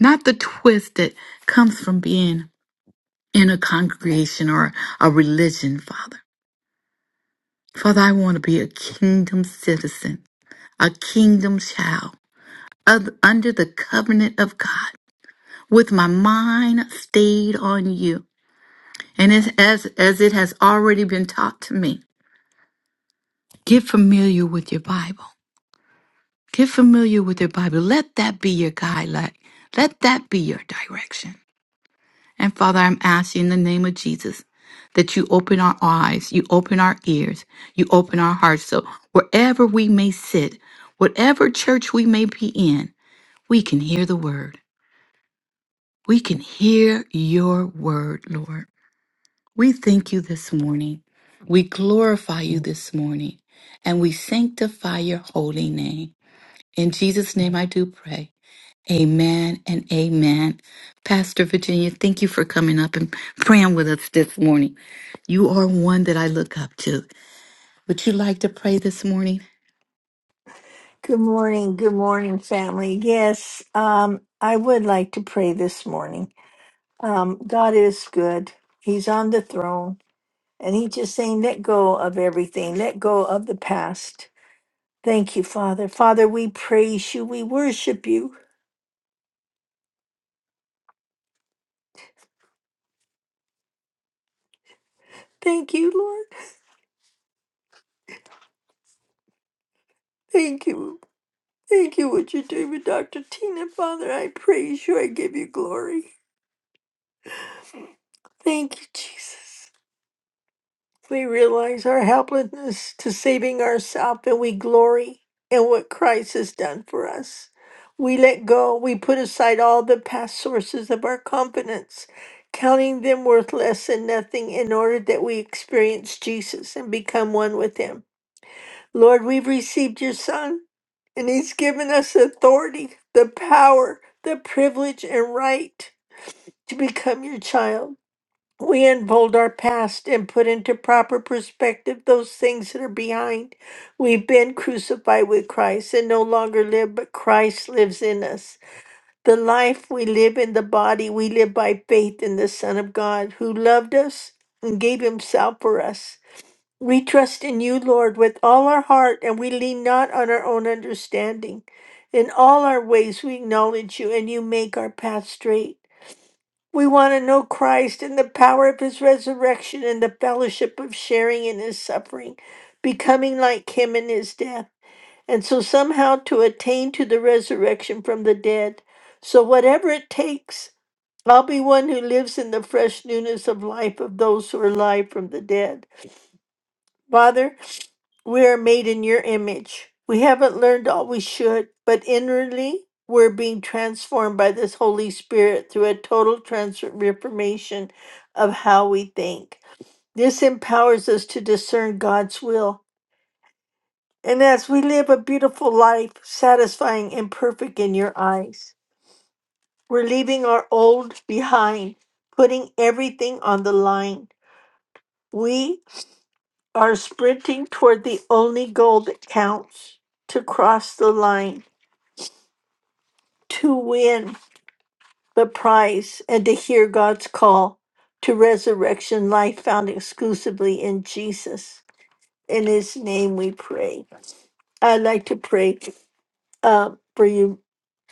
not the twist that comes from being in a congregation or a religion, Father. Father, I want to be a kingdom citizen, a kingdom child, of- under the covenant of God, with my mind stayed on you. And as, as, as it has already been taught to me, get familiar with your Bible. Get familiar with your Bible. Let that be your guideline. Let that be your direction. And Father, I'm asking in the name of Jesus that you open our eyes, you open our ears, you open our hearts. So wherever we may sit, whatever church we may be in, we can hear the word. We can hear your word, Lord. We thank you this morning. We glorify you this morning. And we sanctify your holy name. In Jesus' name I do pray. Amen and amen. Pastor Virginia, thank you for coming up and praying with us this morning. You are one that I look up to. Would you like to pray this morning?
Good morning. Good morning, family. Yes, um, I would like to pray this morning. Um, God is good. He's on the throne, and He's just saying, let go of everything, let go of the past. Thank you, Father. Father, we praise you. We worship you. Thank you, Lord. Thank you. Thank you, what you're doing with Dr. Tina, Father. I praise you. I give you glory. Thank you, Jesus. We realize our helplessness to saving ourselves and we glory in what Christ has done for us. We let go, we put aside all the past sources of our confidence, counting them worthless and nothing in order that we experience Jesus and become one with him. Lord, we've received your Son, and he's given us authority, the power, the privilege, and right to become your child. We unfold our past and put into proper perspective those things that are behind. We've been crucified with Christ and no longer live, but Christ lives in us. The life we live in the body, we live by faith in the Son of God who loved us and gave himself for us. We trust in you, Lord, with all our heart, and we lean not on our own understanding. In all our ways, we acknowledge you, and you make our path straight. We want to know Christ and the power of his resurrection and the fellowship of sharing in his suffering, becoming like him in his death, and so somehow to attain to the resurrection from the dead. So, whatever it takes, I'll be one who lives in the fresh newness of life of those who are alive from the dead. Father, we are made in your image. We haven't learned all we should, but inwardly we're being transformed by this Holy Spirit through a total transformation of how we think. This empowers us to discern God's will. And as we live a beautiful life, satisfying and perfect in your eyes, we're leaving our old behind, putting everything on the line. We are sprinting toward the only goal that counts to cross the line to win the prize and to hear God's call to resurrection life found exclusively in Jesus. In his name we pray. I'd like to pray uh, for you,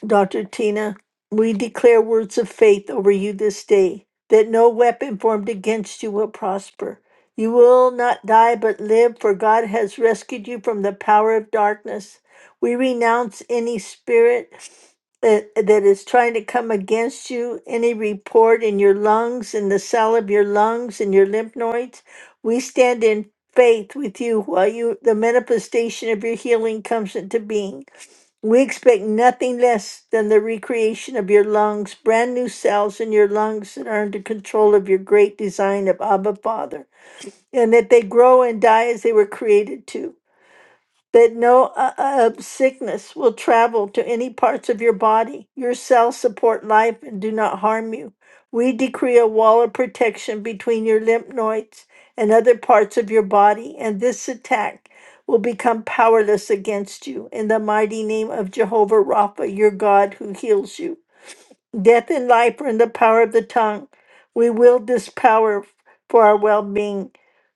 Dr. Tina, we declare words of faith over you this day that no weapon formed against you will prosper. You will not die but live, for God has rescued you from the power of darkness. We renounce any spirit that, that is trying to come against you, any report in your lungs, in the cell of your lungs, in your lymph nodes. We stand in faith with you while you the manifestation of your healing comes into being. We expect nothing less than the recreation of your lungs, brand new cells in your lungs that are under control of your great design of Abba Father, and that they grow and die as they were created to that no uh, uh, sickness will travel to any parts of your body. Your cells support life and do not harm you. We decree a wall of protection between your lymph nodes and other parts of your body, and this attack will become powerless against you in the mighty name of Jehovah Rapha, your God who heals you. Death and life are in the power of the tongue. We wield this power for our well being.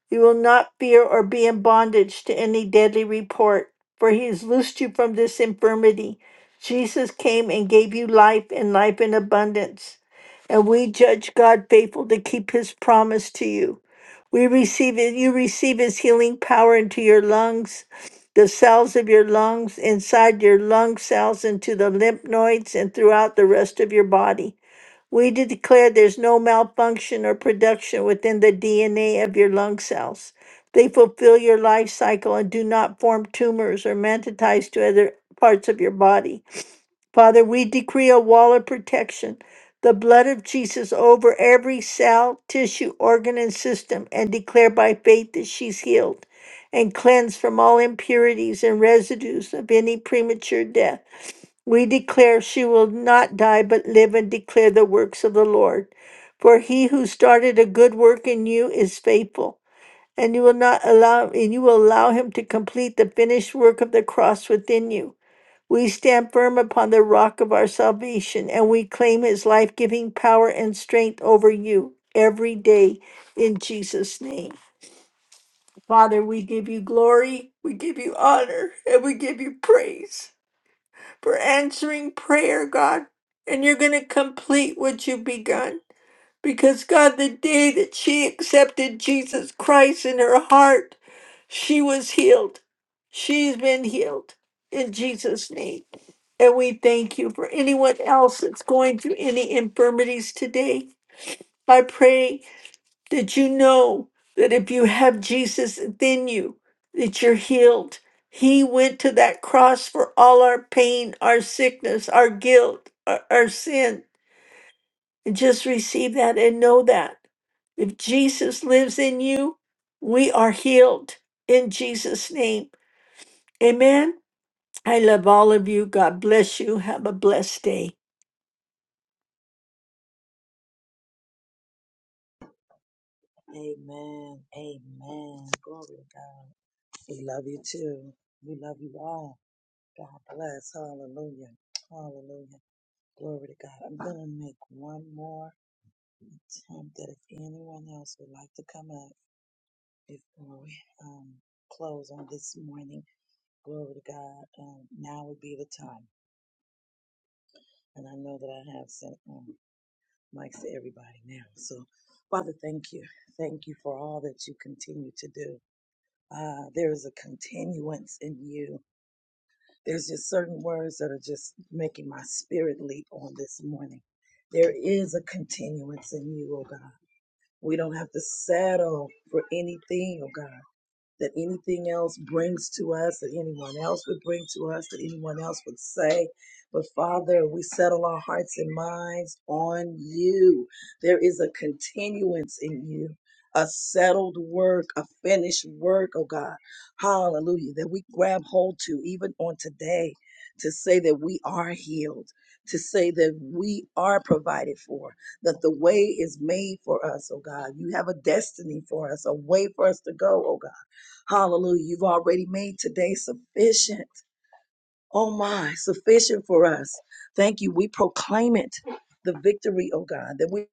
You will not fear or be in bondage to any deadly report, for he has loosed you from this infirmity. Jesus came and gave you life and life in abundance. And we judge God faithful to keep his promise to you. We receive it, you receive his healing power into your lungs, the cells of your lungs, inside your lung cells, into the lymph nodes, and throughout the rest of your body. We de- declare there's no malfunction or production within the DNA of your lung cells. They fulfill your life cycle and do not form tumors or metatize to other parts of your body. Father, we decree a wall of protection, the blood of Jesus over every cell, tissue, organ, and system, and declare by faith that she's healed and cleansed from all impurities and residues of any premature death. We declare she will not die but live and declare the works of the Lord. For he who started a good work in you is faithful, and you will not allow and you will allow him to complete the finished work of the cross within you. We stand firm upon the rock of our salvation, and we claim his life-giving power and strength over you every day in Jesus' name. Father, we give you glory, we give you honor, and we give you praise for answering prayer, God. And you're going to complete what you've begun. Because, God, the day that she accepted Jesus Christ in her heart, she was healed. She's been healed in Jesus' name. And we thank you for anyone else that's going through any infirmities today. I pray that you know that if you have Jesus within you, that you're healed. He went to that cross for all our pain, our sickness, our guilt, our, our sin. And just receive that and know that. If Jesus lives in you, we are healed in Jesus' name. Amen. I love all of you. God bless you. Have a blessed day.
Amen. Amen. Glory to God. We love you too. We love you all. God bless. Hallelujah. Hallelujah. Glory to God. I'm going to make one more attempt that if anyone else would like to come up before we um, close on this morning, glory to God. Um, now would be the time. And I know that I have sent um, mics to everybody now. So, Father, thank you. Thank you for all that you continue to do. Uh, there is a continuance in you There's just certain words that are just making my spirit leap on this morning. There is a continuance in you, oh God. We don't have to settle for anything, oh God that anything else brings to us, that anyone else would bring to us, that anyone else would say. But Father, we settle our hearts and minds on you. There is a continuance in you, a settled work, a finished work, oh God. Hallelujah. That we grab hold to even on today to say that we are healed. To say that we are provided for, that the way is made for us, oh God. You have a destiny for us, a way for us to go, oh God. Hallelujah. You've already made today sufficient. Oh my, sufficient for us. Thank you. We proclaim it, the victory, oh God, that we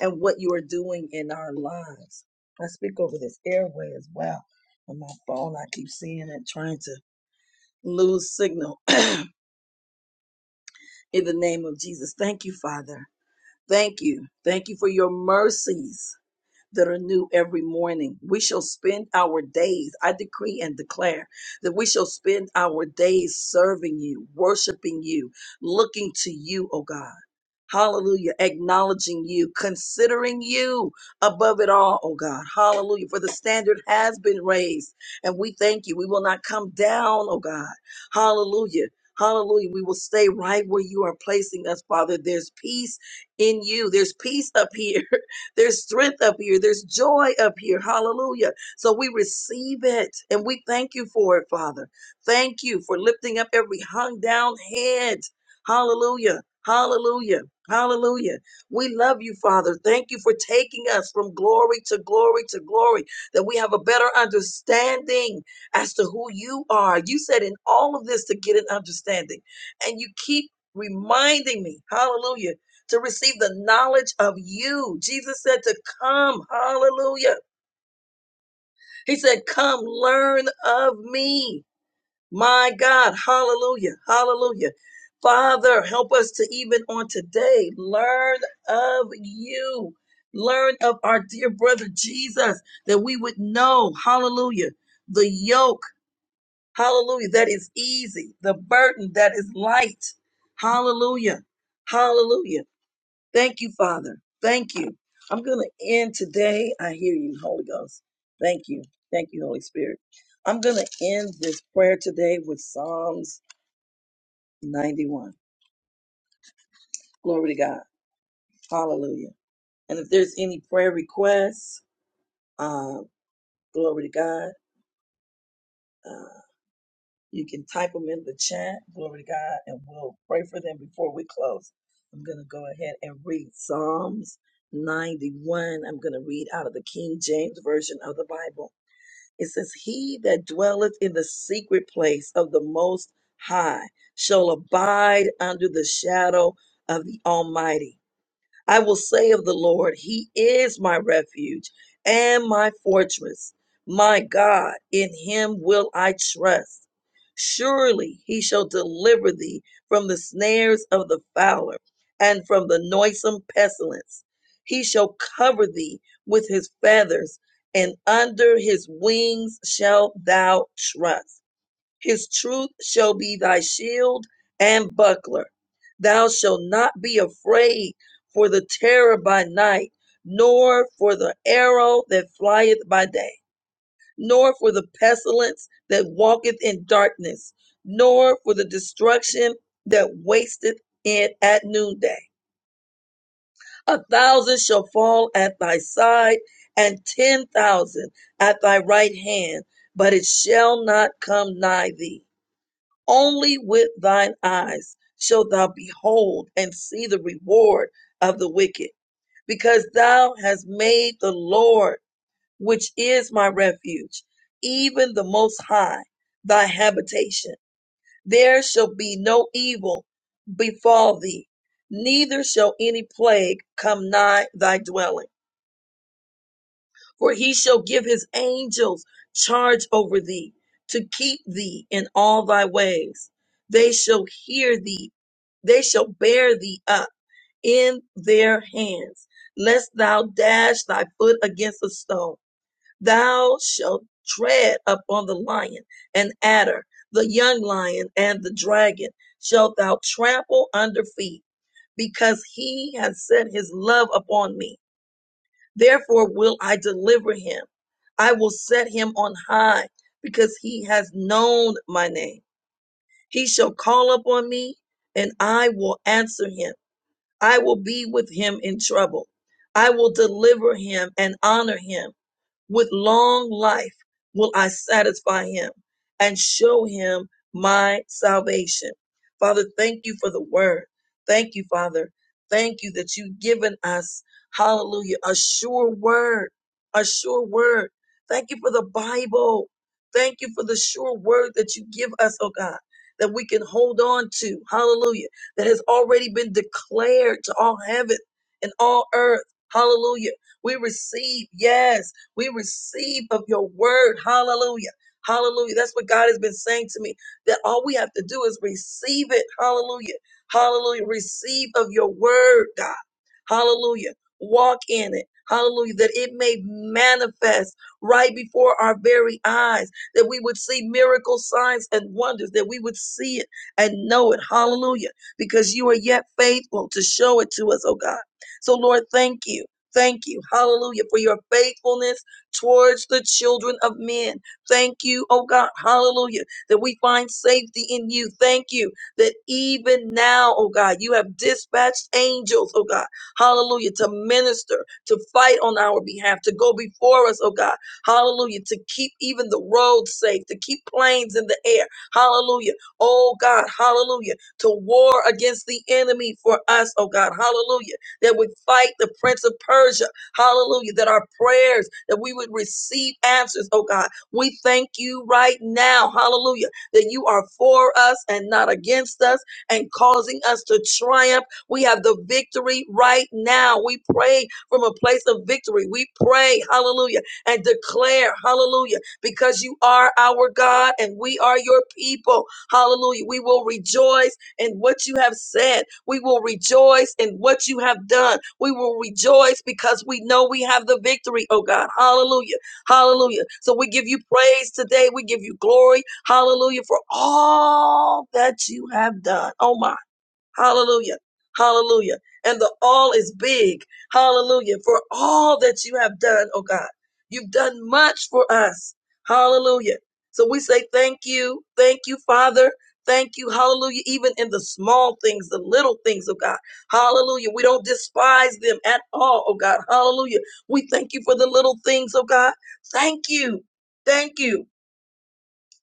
and what you are doing in our lives. I speak over this airway as well. On my phone, I keep seeing it, trying to lose signal in the name of Jesus. Thank you, Father. Thank you. Thank you for your mercies. that are new every morning. We shall spend our days, I decree and declare, that we shall spend our days serving you, worshiping you, looking to you, oh God. Hallelujah. Acknowledging you, considering you above it all, oh God. Hallelujah. For the standard has been raised. And we thank you. We will not come down, oh God. Hallelujah. Hallelujah. We will stay right where you are placing us, Father. There's peace in you. There's peace up here. There's strength up here. There's joy up here. Hallelujah. So we receive it and we thank you for it, Father. Thank you for lifting up every hung down head. Hallelujah. Hallelujah. Hallelujah. We love you, Father. Thank you for taking us from glory to glory to glory, that we have a better understanding as to who you are. You said in all of this to get an understanding. And you keep reminding me, hallelujah, to receive the knowledge of you. Jesus said to come. Hallelujah. He said, Come learn of me. My God. Hallelujah. Hallelujah. Father, help us to even on today learn of you. Learn of our dear brother Jesus that we would know. Hallelujah. The yoke. Hallelujah. That is easy. The burden that is light. Hallelujah. Hallelujah. Thank you, Father. Thank you. I'm going to end today. I hear you, Holy Ghost. Thank you. Thank you, Holy Spirit. I'm going to end this prayer today with Psalms 91. Glory to God. Hallelujah. And if there's any prayer requests, uh, glory to God, uh, you can type them in the chat. Glory to God. And we'll pray for them before we close. I'm going to go ahead and read Psalms 91. I'm going to read out of the King James Version of the Bible. It says, He that dwelleth in the secret place of the Most High shall abide under the shadow of the Almighty. I will say of the Lord, He is my refuge and my fortress. My God, in Him will I trust. Surely He shall deliver thee from the snares of the fowler and from the noisome pestilence. He shall cover thee with His feathers, and under His wings shalt thou trust. His truth shall be thy shield and buckler. Thou shalt not be afraid for the terror by night, nor for the arrow that flieth by day, nor for the pestilence that walketh in darkness, nor for the destruction that wasteth in at noonday. A thousand shall fall at thy side, and ten thousand at thy right hand, but it shall not come nigh thee only with thine eyes shalt thou behold and see the reward of the wicked, because thou hast made the Lord, which is my refuge, even the Most High, thy habitation. There shall be no evil befall thee, neither shall any plague come nigh thy dwelling. For he shall give his angels charge over thee to keep thee in all thy ways. They shall hear thee, they shall bear thee up in their hands, lest thou dash thy foot against a stone. Thou shalt tread upon the lion and adder, the young lion and the dragon shalt thou trample under feet, because he has set his love upon me. Therefore will I deliver him. I will set him on high because he has known my name. He shall call upon me and I will answer him. I will be with him in trouble. I will deliver him and honor him. With long life will I satisfy him and show him my salvation. Father, thank you for the word. Thank you, Father. Thank you that you've given us, hallelujah, a sure word, a sure word. Thank you for the Bible. Thank you for the sure word that you give us, oh God, that we can hold on to. Hallelujah. That has already been declared to all heaven and all earth. Hallelujah. We receive, yes. We receive of your word. Hallelujah. Hallelujah. That's what God has been saying to me that all we have to do is receive it. Hallelujah. Hallelujah. Receive of your word, God. Hallelujah. Walk in it. Hallelujah. That it may manifest right before our very eyes. That we would see miracle signs and wonders. That we would see it and know it. Hallelujah. Because you are yet faithful to show it to us, oh God. So, Lord, thank you. Thank you. Hallelujah. For your faithfulness towards the children of men. Thank you, oh God, hallelujah, that we find safety in you. Thank you that even now, oh God, you have dispatched angels, oh God, hallelujah, to minister, to fight on our behalf, to go before us, oh God, hallelujah, to keep even the roads safe, to keep planes in the air, hallelujah, oh God, hallelujah, to war against the enemy for us, oh God, hallelujah, that we fight the prince of Persia, Hallelujah. That our prayers, that we would receive answers, oh God. We thank you right now. Hallelujah. That you are for us and not against us and causing us to triumph. We have the victory right now. We pray from a place of victory. We pray, hallelujah, and declare, hallelujah, because you are our God and we are your people. Hallelujah. We will rejoice in what you have said. We will rejoice in what you have done. We will rejoice because we know we have the victory, oh God. Hallelujah. Hallelujah. So we give you praise today. We give you glory. Hallelujah for all that you have done. Oh my. Hallelujah. Hallelujah. And the all is big. Hallelujah. For all that you have done, oh God. You've done much for us. Hallelujah. So we say thank you. Thank you, Father. Thank you. Hallelujah. Even in the small things, the little things, oh God. Hallelujah. We don't despise them at all, oh God. Hallelujah. We thank you for the little things, oh God. Thank you. Thank you.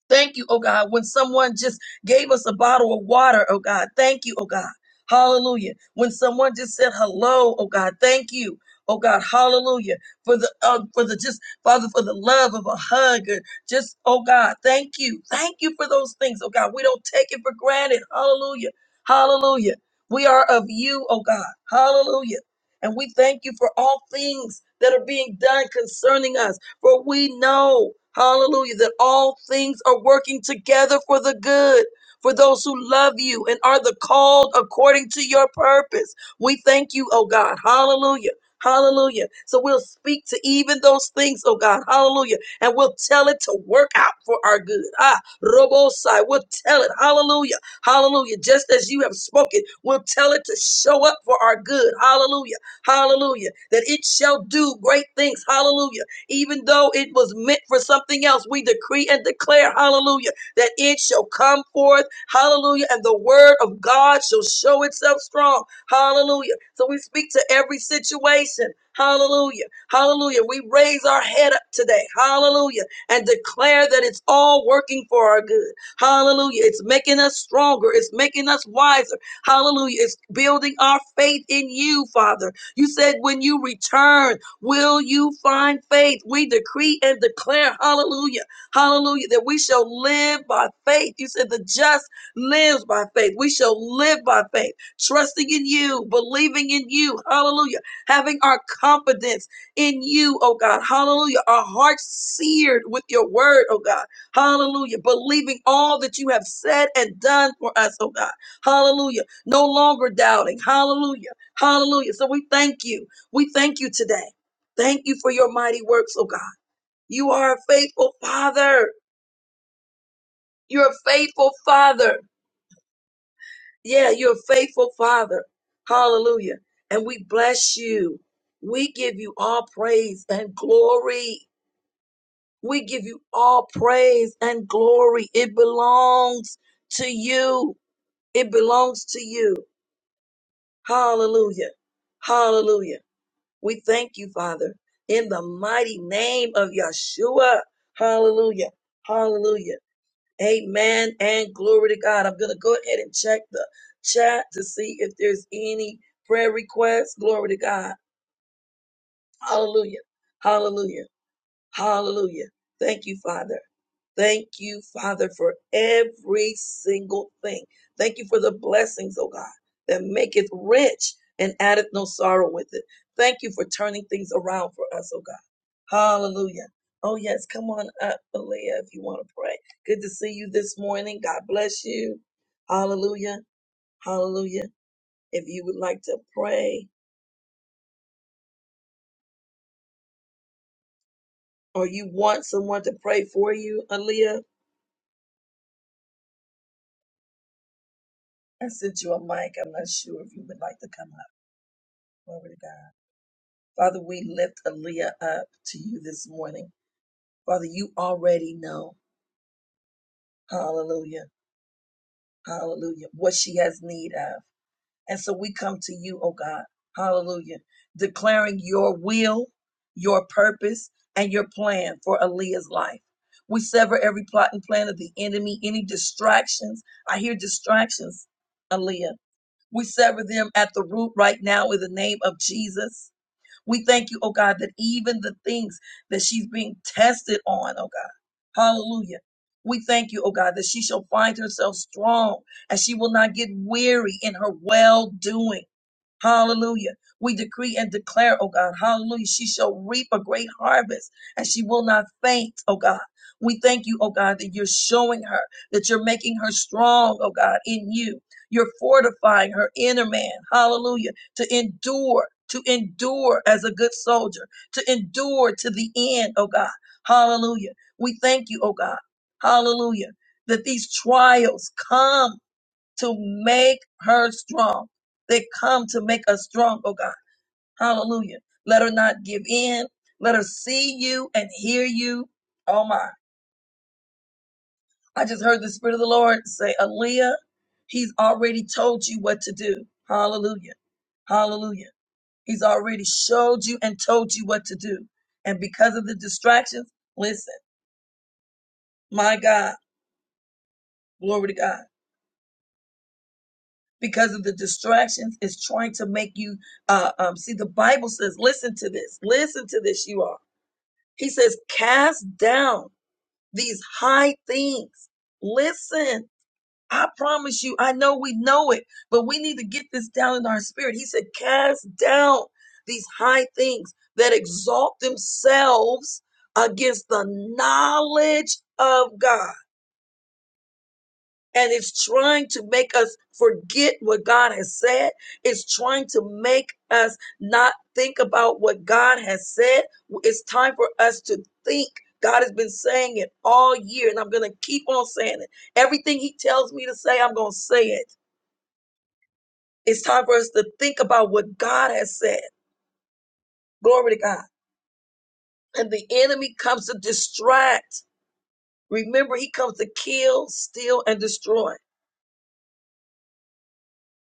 Thank you, oh God, when someone just gave us a bottle of water, oh God. Thank you, oh God. Hallelujah. When someone just said hello, oh God, thank you. Oh God, hallelujah. For the uh, for the just Father for the love of a hug. Or just oh God, thank you. Thank you for those things, oh God. We don't take it for granted. Hallelujah. Hallelujah. We are of you, oh God. Hallelujah. And we thank you for all things that are being done concerning us. For we know, hallelujah, that all things are working together for the good. For those who love you and are the called according to your purpose. We thank you, oh God. Hallelujah. Hallelujah. So we'll speak to even those things, oh God. Hallelujah. And we'll tell it to work out for our good. Ah, Robosai. We'll tell it. Hallelujah. Hallelujah. Just as you have spoken, we'll tell it to show up for our good. Hallelujah. Hallelujah. That it shall do great things. Hallelujah even though it was meant for something else. We decree and declare, hallelujah, that it shall come forth, hallelujah, and the word of God shall show itself strong, hallelujah. So we speak to every situation, hallelujah, hallelujah. We raise our head up today, hallelujah, and declare that it's all working for our good, hallelujah. It's making us stronger, it's making us wiser, hallelujah. It's building our faith in you, Father. You said when you return, Will you find faith? We decree and declare, hallelujah, hallelujah, that we shall live by faith. You said the just lives by faith. We shall live by faith, trusting in you, believing in you, hallelujah, having our confidence in you, oh God, hallelujah, our hearts seared with your word, oh God, hallelujah, believing all that you have said and done for us, oh God, hallelujah, no longer doubting, hallelujah, hallelujah. So we thank you. We thank you today. Thank you for your mighty works, oh God. You are a faithful Father. You're a faithful Father. Yeah, you're a faithful Father. Hallelujah. And we bless you. We give you all praise and glory. We give you all praise and glory. It belongs to you. It belongs to you. Hallelujah. Hallelujah. We thank you, Father, in the mighty name of Yeshua. Hallelujah. Hallelujah. Amen and glory to God. I'm going to go ahead and check the chat to see if there's any prayer requests. Glory to God. Hallelujah. Hallelujah. Hallelujah. Thank you, Father. Thank you, Father, for every single thing. Thank you for the blessings, oh God, that maketh rich and addeth no sorrow with it. Thank you for turning things around for us, oh God. Hallelujah. Oh, yes. Come on up, Alea, if you want to pray. Good to see you this morning. God bless you. Hallelujah. Hallelujah. If you would like to pray or you want someone to pray for you, Alea. I sent you a mic. I'm not sure if you would like to come up. Glory to God. Father, we lift Aaliyah up to you this morning. Father, you already know, hallelujah, hallelujah, what she has need of. And so we come to you, oh God, hallelujah, declaring your will, your purpose, and your plan for Aaliyah's life. We sever every plot and plan of the enemy, any distractions. I hear distractions, Aaliyah. We sever them at the root right now in the name of Jesus. We thank you, oh God, that even the things that she's being tested on, oh God, hallelujah. We thank you, oh God, that she shall find herself strong and she will not get weary in her well doing. Hallelujah. We decree and declare, oh God, hallelujah. She shall reap a great harvest and she will not faint, oh God. We thank you, oh God, that you're showing her, that you're making her strong, oh God, in you. You're fortifying her inner man, hallelujah, to endure, to endure as a good soldier, to endure to the end, oh God, hallelujah. We thank you, oh God, hallelujah, that these trials come to make her strong. They come to make us strong, oh God. Hallelujah. Let her not give in. Let her see you and hear you. Oh my. I just heard the Spirit of the Lord say, Aaliyah, He's already told you what to do. Hallelujah. Hallelujah. He's already showed you and told you what to do. And because of the distractions, listen, my God, glory to God. because of the distractions is trying to make you uh, um, see the bible says listen to this listen to this you are he says cast down these high things listen i promise you i know we know it but we need to get this down in our spirit he said cast down these high things that exalt themselves against the knowledge of god and it's trying to make us forget what God has said. It's trying to make us not think about what God has said. It's time for us to think. God has been saying it all year, and I'm going to keep on saying it. Everything He tells me to say, I'm going to say it. It's time for us to think about what God has said. Glory to God. And the enemy comes to distract. Remember, he comes to kill, steal, and destroy.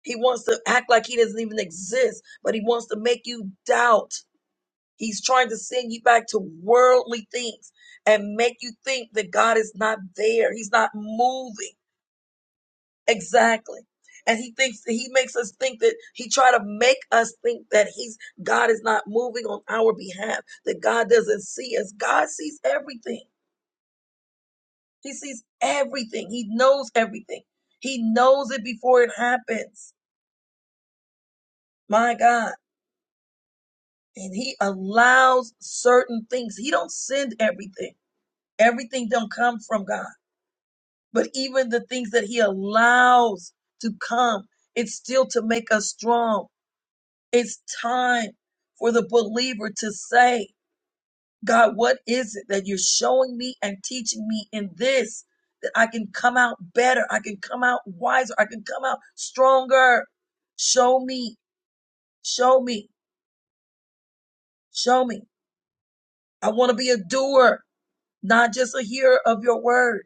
He wants to act like he doesn't even exist, but he wants to make you doubt. He's trying to send you back to worldly things and make you think that God is not there. He's not moving. Exactly. And he thinks he makes us think that he try to make us think that he's God is not moving on our behalf, that God doesn't see us. God sees everything. He sees everything. He knows everything. He knows it before it happens. My God. and he allows certain things he don't send everything everything don't come from god but even the things that he allows to come it's still to make us strong it's time for the believer to say god what is it that you're showing me and teaching me in this that i can come out better i can come out wiser i can come out stronger show me show me show me i want to be a doer not just a hearer of your word.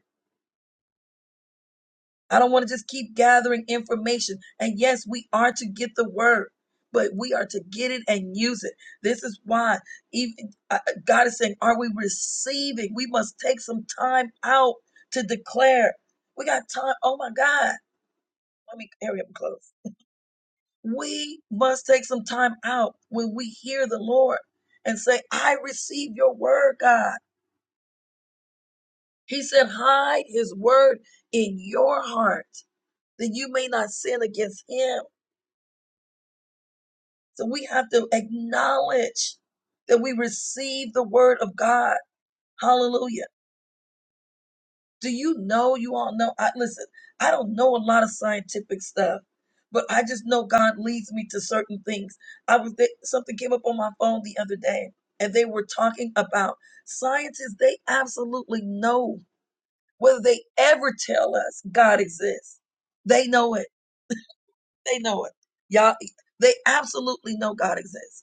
I don't want to just keep gathering information. And yes, we are to get the word, but we are to get it and use it. This is why even, uh, uh, God is saying, Are we receiving? We must take some time out to declare. We got time. Oh my God. Let me hurry up and close. We must take some time out when we hear the Lord and say, I receive your word, God. He said, Hide his word in your heart that you may not sin against him. So we have to acknowledge that we receive the word of God. Hallelujah. Do you know, you all know, I listen, I don't know a lot of scientific stuff, but I just know God leads me to certain things. I was there, something came up on my phone the other day and they were talking about scientists, they absolutely know whether they ever tell us God exists. They know it. They know it. Y'all, they absolutely know God exists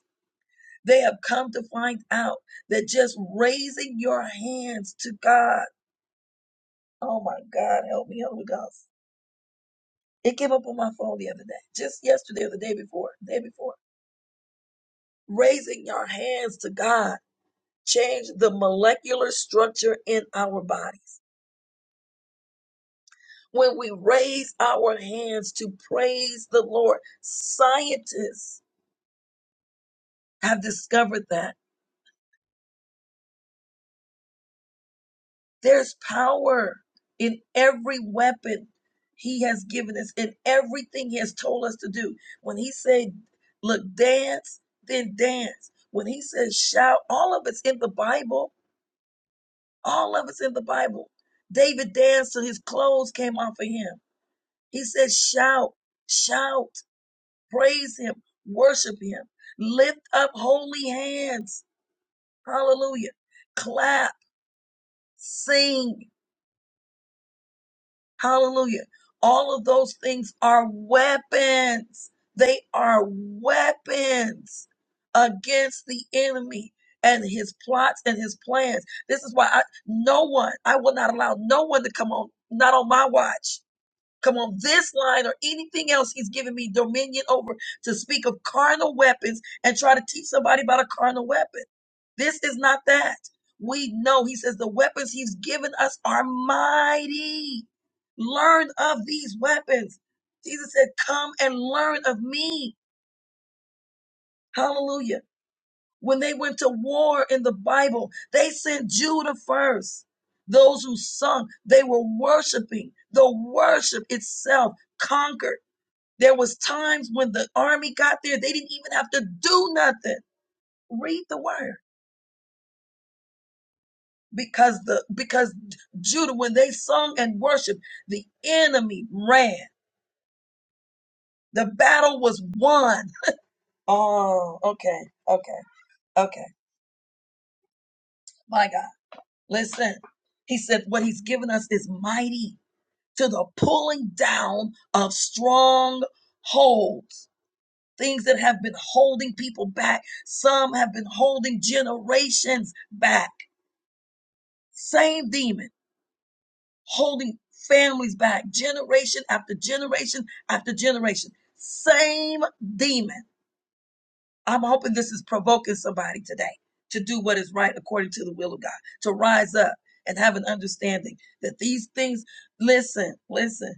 They have come to find out that just raising your hands to God, oh my God, help me, Holy Ghost. It came up on my phone the other day, just yesterday or the day before, day before. Raising your hands to God changed the molecular structure in our bodies. When we raise our hands to praise the Lord, scientists have discovered that. There's power in every weapon he has given us, in everything he has told us to do. When he said, look, dance, then dance. When he says shout, all of it's in the Bible. All of it's in the Bible. David danced till his clothes came off of him. He says shout, shout, praise him, worship him, lift up holy hands. Hallelujah. Clap, sing. Hallelujah. All of those things are weapons. They are weapons against the enemy and his plots and his plans. This is why I, no one, I will not allow no one to come on, not on my watch Come on, this line or anything else he's given me dominion over to speak of carnal weapons and try to teach somebody about a carnal weapon. This is not that. We know he says the weapons he's given us are mighty. Learn of these weapons. Jesus said, Come and learn of me. Hallelujah. When they went to war in the Bible, they sent Judah first. Those who sung, they were worshiping. The worship itself conquered. There was times when the army got there, they didn't even have to do nothing. Read the word. Because the because Judah, when they sung and worshiped, the enemy ran. The battle was won. Oh, okay, okay, okay. My God. Listen. He said what he's given us is mighty to the pulling down of strongholds, Things that have been holding people back. Some have been holding generations back Same demon holding families back generation after generation after generation. Same demon. I'm hoping this is provoking somebody today to do what is right according to the will of God, to rise up and have an understanding that these things, listen, listen,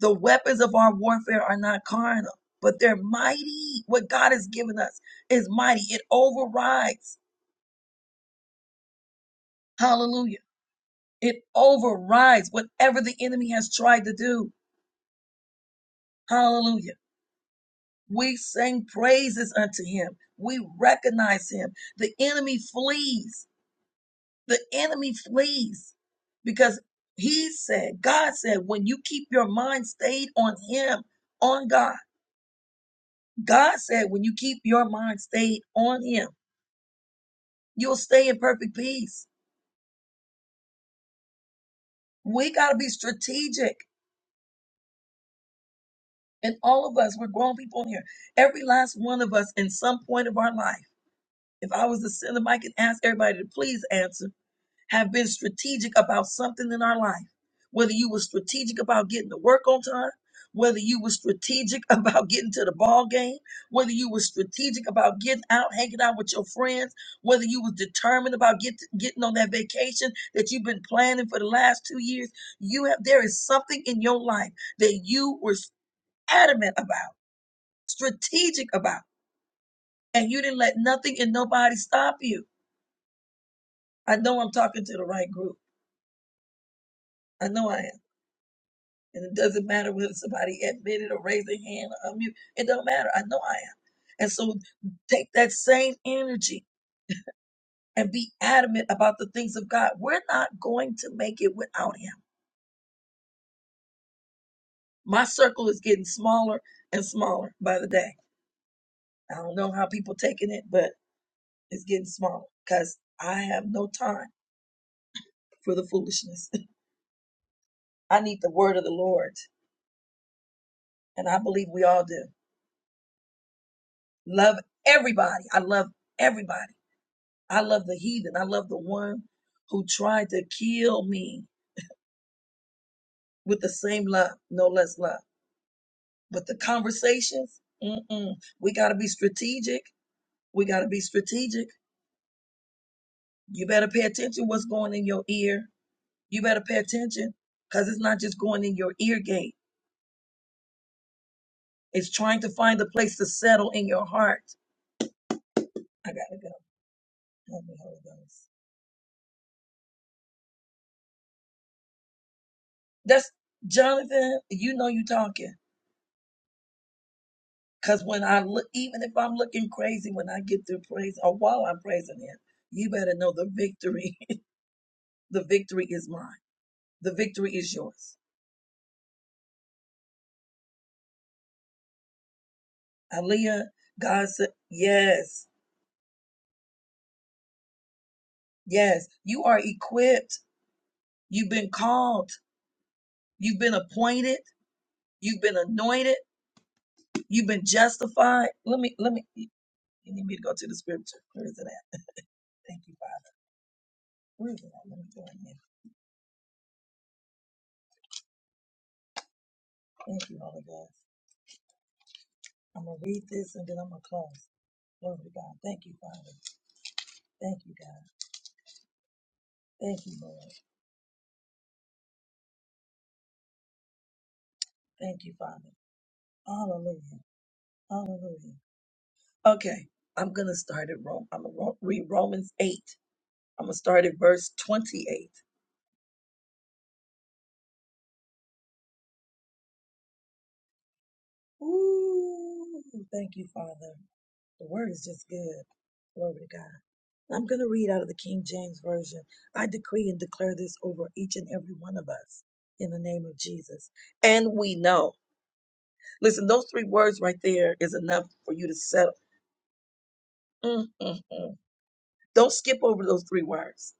the weapons of our warfare are not carnal, but they're mighty. What God has given us is mighty. It overrides. Hallelujah. It overrides whatever the enemy has tried to do. Hallelujah. We sing praises unto him. We recognize him. The enemy flees. The enemy flees because he said, God said, when you keep your mind stayed on him, on God, God said, when you keep your mind stayed on him, you'll stay in perfect peace. We got to be strategic. And all of us, we're grown people in here. Every last one of us in some point of our life. If I was to send a mic and ask everybody to please answer have been strategic about something in our life, whether you were strategic about getting to work on time, whether you were strategic about getting to the ball game, whether you were strategic about getting out, hanging out with your friends, whether you was determined about get, getting on that vacation that you've been planning for the last two years, you have there is something in your life that you were adamant about, strategic about, and you didn't let nothing and nobody stop you. I know I'm talking to the right group. I know I am. And it doesn't matter whether somebody admitted or raised their hand or unmute. It don't matter. I know I am. And so take that same energy and be adamant about the things of God. We're not going to make it without him. My circle is getting smaller and smaller by the day. I don't know how people taking it, but it's getting smaller because I have no time for the foolishness. I need the word of the Lord. And I believe we all do. Love everybody. I love everybody I love the heathen. I love the one who tried to kill me with the same love, no less love. But the conversations, mm-mm. we got to be strategic. We got to be strategic. You better pay attention what's going in your ear. You better pay attention because it's not just going in your ear gate. It's trying to find a place to settle in your heart. I gotta go. Help me, Holy Ghost. That's Jonathan. You know you talking. Because when I look, even if I'm looking crazy, when I get through praise or while I'm praising Him, you better know the victory. the victory is mine. The victory is yours. Aaliyah, God said, yes, yes, you are equipped. You've been called. You've been appointed. You've been anointed. You've been justified. Let me, let me, you need me to go to the scripture. Where is it at? Thank you, Father. Where is it at? Let me go in here. Thank you, Holy Ghost. I'm going to read this and then I'm going to close. Glory to God. Thank you, Father. Thank you, God. Thank you, Lord. Thank you, Father. Hallelujah. Hallelujah. Okay, I'm going to start at Rome. I'm going to read Romans 8. I'm going to start at verse 28. Ooh, thank you, Father. The word is just good. Glory to God. I'm going to read out of the King James Version. I decree and declare this over each and every one of us in the name of Jesus. And we know. Listen, those three words right there is enough for you to settle. Mm, mm, mm. Don't skip over those three words.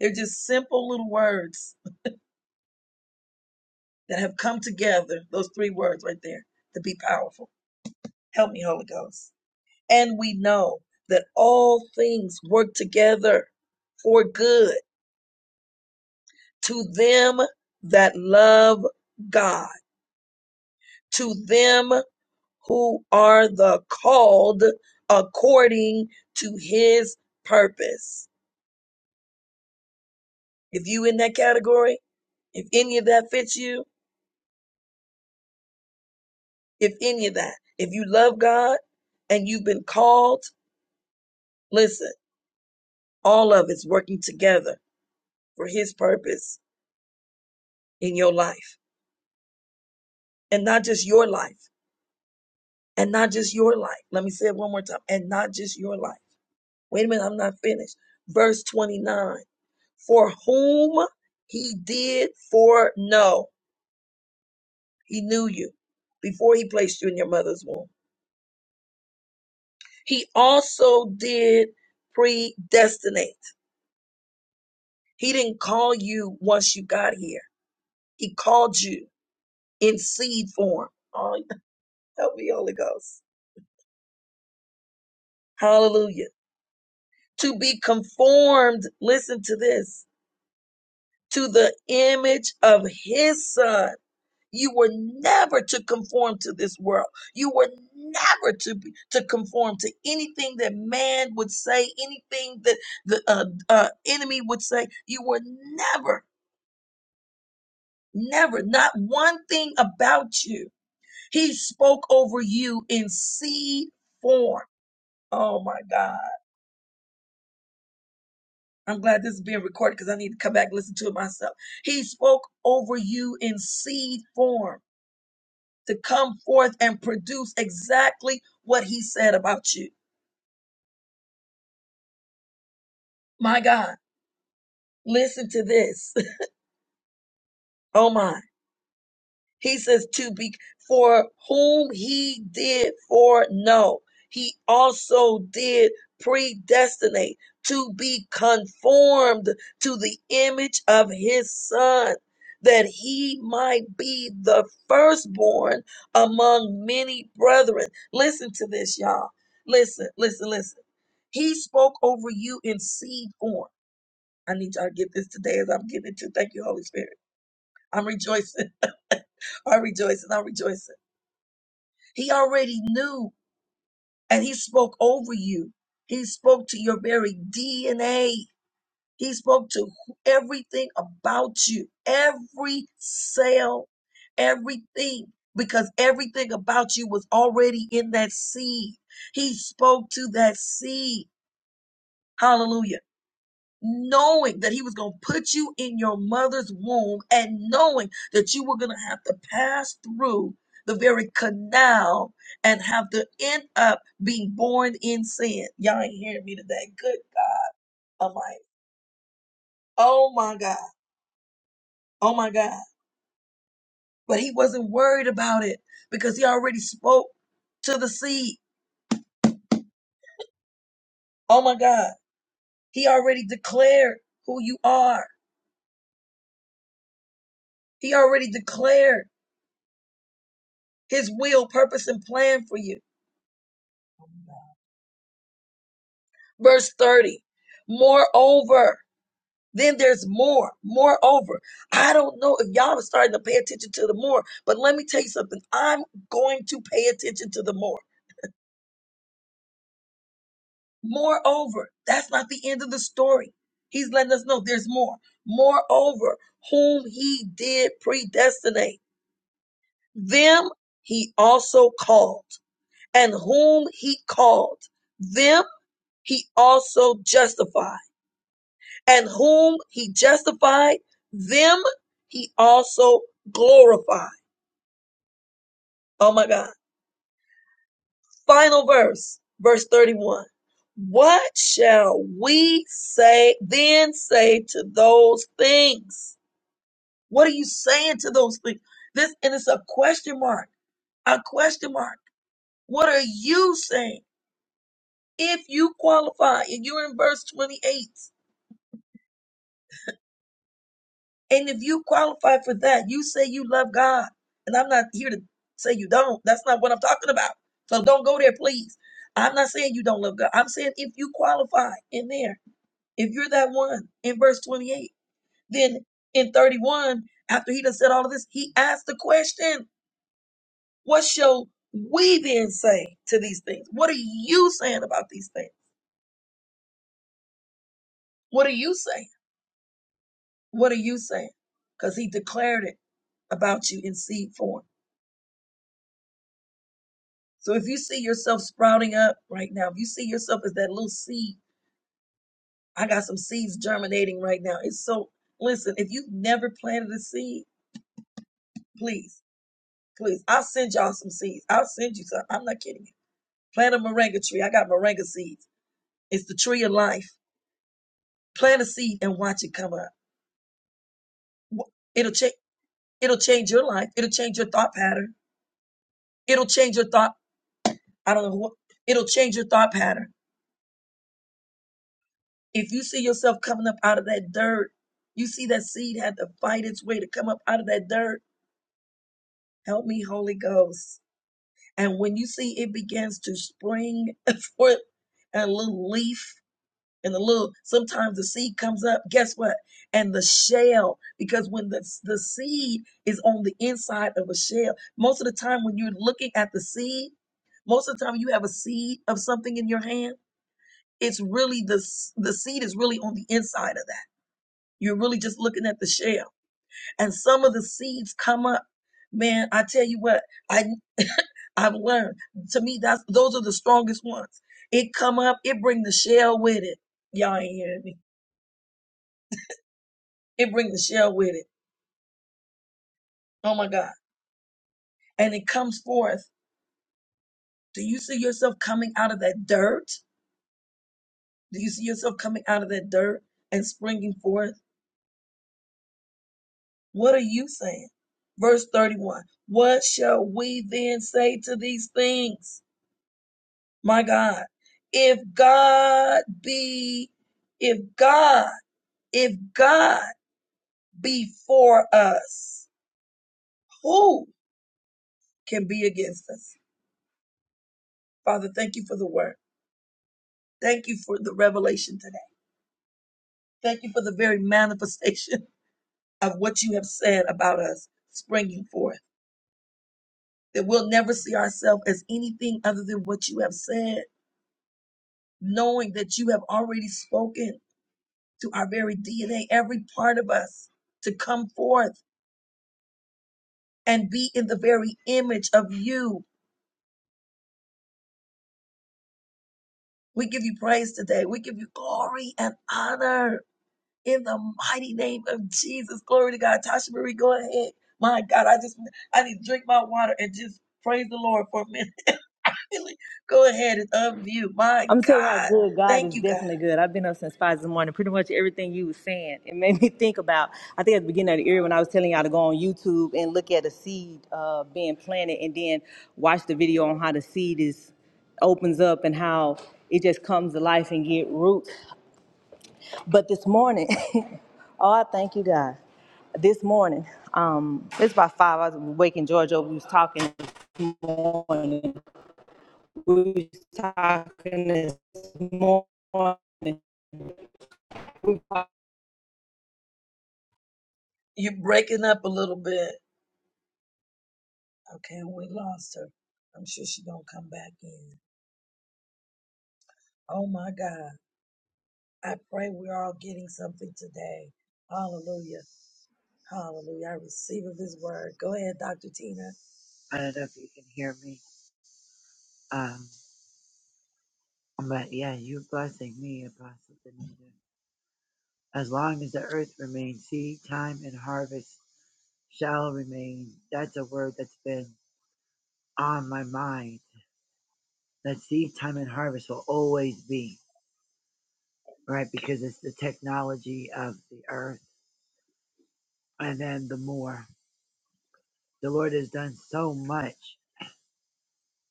They're just simple little words that have come together, those three words right there, to be powerful. Help me, Holy Ghost. And we know that all things work together for good to them that love God, to them who are the called according to his purpose. If you in that category, if any of that fits you, if any of that, if you love God and you've been called, listen, all of it's working together for his purpose in your life and not just your life and not just your life. Let me say it one more time and not just your life Wait a minute, I'm not finished. Verse 29 For whom he did foreknow, he knew you before he placed you in your mother's womb. He also did predestinate. He didn't call you once you got here, he called you in seed form. Oh, help me, Holy Ghost. Hallelujah. To be conformed, listen to this, to the image of his son You were never to conform to this world. You were never to be, to conform to anything that man would say, anything that the uh, uh, enemy would say. You were never, never, not one thing about you. He spoke over you in seed form. Oh my God. I'm glad this is being recorded because I need to come back and listen to it myself. He spoke over you in seed form to come forth and produce exactly what he said about you. My God, listen to this. Oh my. He says to be for whom he did foreknow, he also did predestinate to be conformed to the image of his son, that he might be the firstborn among many brethren. Listen to this, y'all. Listen, listen, listen. He spoke over you in seed form. I need y'all to get this today as I'm getting it to. Thank you, Holy Spirit I'm rejoicing. I'm rejoicing. I'm rejoicing. He already knew and he spoke over you. He spoke to your very DNA. He spoke to everything about you, every cell, everything, because everything about you was already in that seed. He spoke to that seed. Hallelujah. knowing that he was going to put you in your mother's womb and knowing that you were going to have to pass through the very canal and have to end up being born in sin. Y'all ain't hearing me today. Good God Almighty. Oh my God. Oh my God. But he wasn't worried about it because he already spoke to the seed. Oh my God. He already declared who you are. He already declared his will, purpose, and plan for you. Verse 30. Moreover, then there's more. Moreover, I don't know if y'all are starting to pay attention to the more, but let me tell you something. I'm going to pay attention to the more. Moreover, that's not the end of the story. He's letting us know there's more. Moreover, whom he did predestinate, them he also called. And whom he called, them he also justified. and whom he justified, them he also glorified. Oh my God. Final verse, verse 31. What shall we say then say to those things? What are you saying to those things? This and it's a question mark. A question mark. What are you saying? If you qualify and you're in verse 28, And if you qualify for that, you say you love God. And I'm not here to say you don't. That's not what I'm talking about. So don't go there, please. I'm not saying you don't love God. I'm saying if you qualify in there, if you're that one in verse 28, then in 31, after he done said all of this, he asked the question, What shall we then say to these things? What are you saying about these things? What are you saying? What are you saying? Because he declared it about you in seed form. So if you see yourself sprouting up right now, if you see yourself as that little seed, I got some seeds germinating right now. It's so, listen, if you've never planted a seed, please, please, I'll send y'all some seeds. I'll send you some. I'm not kidding you. Plant a moringa tree. I got moringa seeds. It's the tree of life. Plant a seed and watch it come up. It'll change. It'll change your life. It'll change your thought pattern. It'll change your thought. I don't know what. It'll change your thought pattern. If you see yourself coming up out of that dirt, you see that seed had to fight its way to come up out of that dirt. Help me, Holy Ghost. And when you see it begins to spring forth and a little leaf and a little, sometimes the seed comes up, guess what? And the shell, because when the, the seed is on the inside of a shell, most of the time when you're looking at the seed, most of the time you have a seed of something in your hand, it's really the, the seed is really on the inside of that. You're really just looking at the shell. And some of the seeds come up. Man, I tell you what, I I've learned. To me, that's those are the strongest ones. It come up, it bring the shell with it. Y'all ain't hearing me. It bring the shell with it. Oh my God. And it comes forth. Do you see yourself coming out of that dirt? Do you see yourself coming out of that dirt and springing forth? What are you saying? Verse 31. What shall we then say to these things? My God, if God be, if God, if God be for us, who can be against us? Father, thank you for the word. Thank you for the revelation today. Thank you for the very manifestation of what you have said about us springing forth. That we'll never see ourselves as anything other than what you have said, knowing that you have already spoken to our very DNA, every part of us to come forth and be in the very image of you. We give you praise today. We give you glory and honor in the mighty name of Jesus. Glory to God. Tasha Marie, go ahead. My God, I just I need to drink my water and just praise the Lord for a minute. Really, go ahead and unmute. My
I'm gonna tell you how
God,
good God
thank
is
you, God.
definitely good. I've been up since five in the morning. Pretty much everything you was saying, it made me think about. I think at the beginning of the year when I was telling y'all to go on YouTube and look at a seed uh, being planted, and then watch the video on how the seed is opens up and how it just comes to life and get roots. But this morning, oh, I thank you, God. This morning, um, it's about five. I was waking George up. We was talking this morning we was talking this morning,
You're breaking up a little bit. Okay, we lost her. I'm sure she's gonna come back in. Oh my God, I pray we're all getting something today. Hallelujah. Hallelujah. I receive of his word. Go ahead, Dr. Tina.
I don't know if you can hear me. Um, but yeah, you are blessing me, Apostle Danita. As long as the earth remains, seed time and harvest shall remain. That's a word that's been on my mind. That seed time and harvest will always be, right? Because it's the technology of the earth. And then the more. The Lord has done so much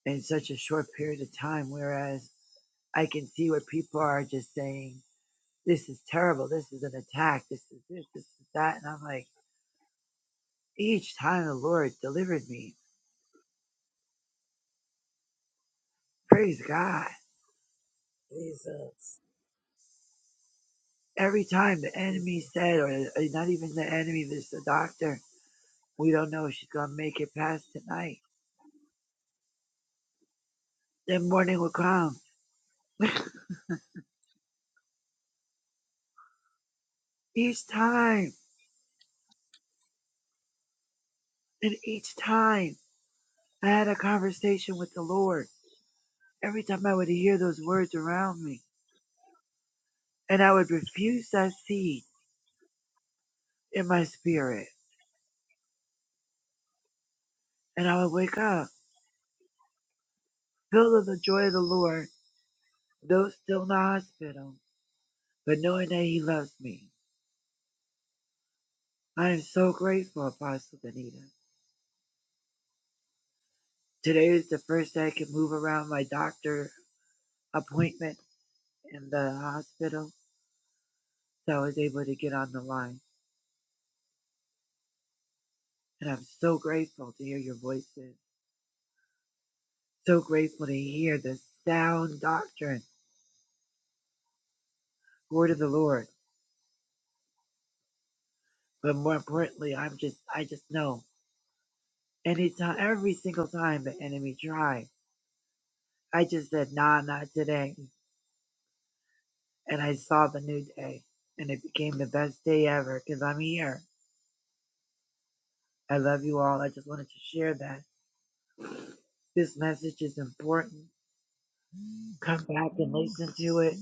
in such a short period of time, whereas I can see where people are just saying, this is terrible. This is an attack. This is this, this is that. And I'm like, each time the Lord delivered me, praise God.
Jesus.
every time the
Jesus.
enemy said, or uh, not even the enemy, this the doctor, we don't know if she's gonna make it past tonight. Then morning would come. each time and each time I had a conversation with the Lord. Every time I would hear those words around me, and I would refuse that seed in my spirit, and I would wake up filled with the joy of the Lord, though still in the hospital, but knowing that He loves me. I am so grateful, Apostle Danita. Today is the first day I could move around my doctor appointment in the hospital, so I was able to get on the line. And I'm so grateful to hear your voices, so grateful to hear the sound doctrine, word of the Lord. But more importantly, I'm just, I just know anytime, every single time the enemy tried, I just said, nah, not today. And I saw the new day, and it became the best day ever because I'm here. I love you all. I just wanted to share that. This message is important come back and listen to it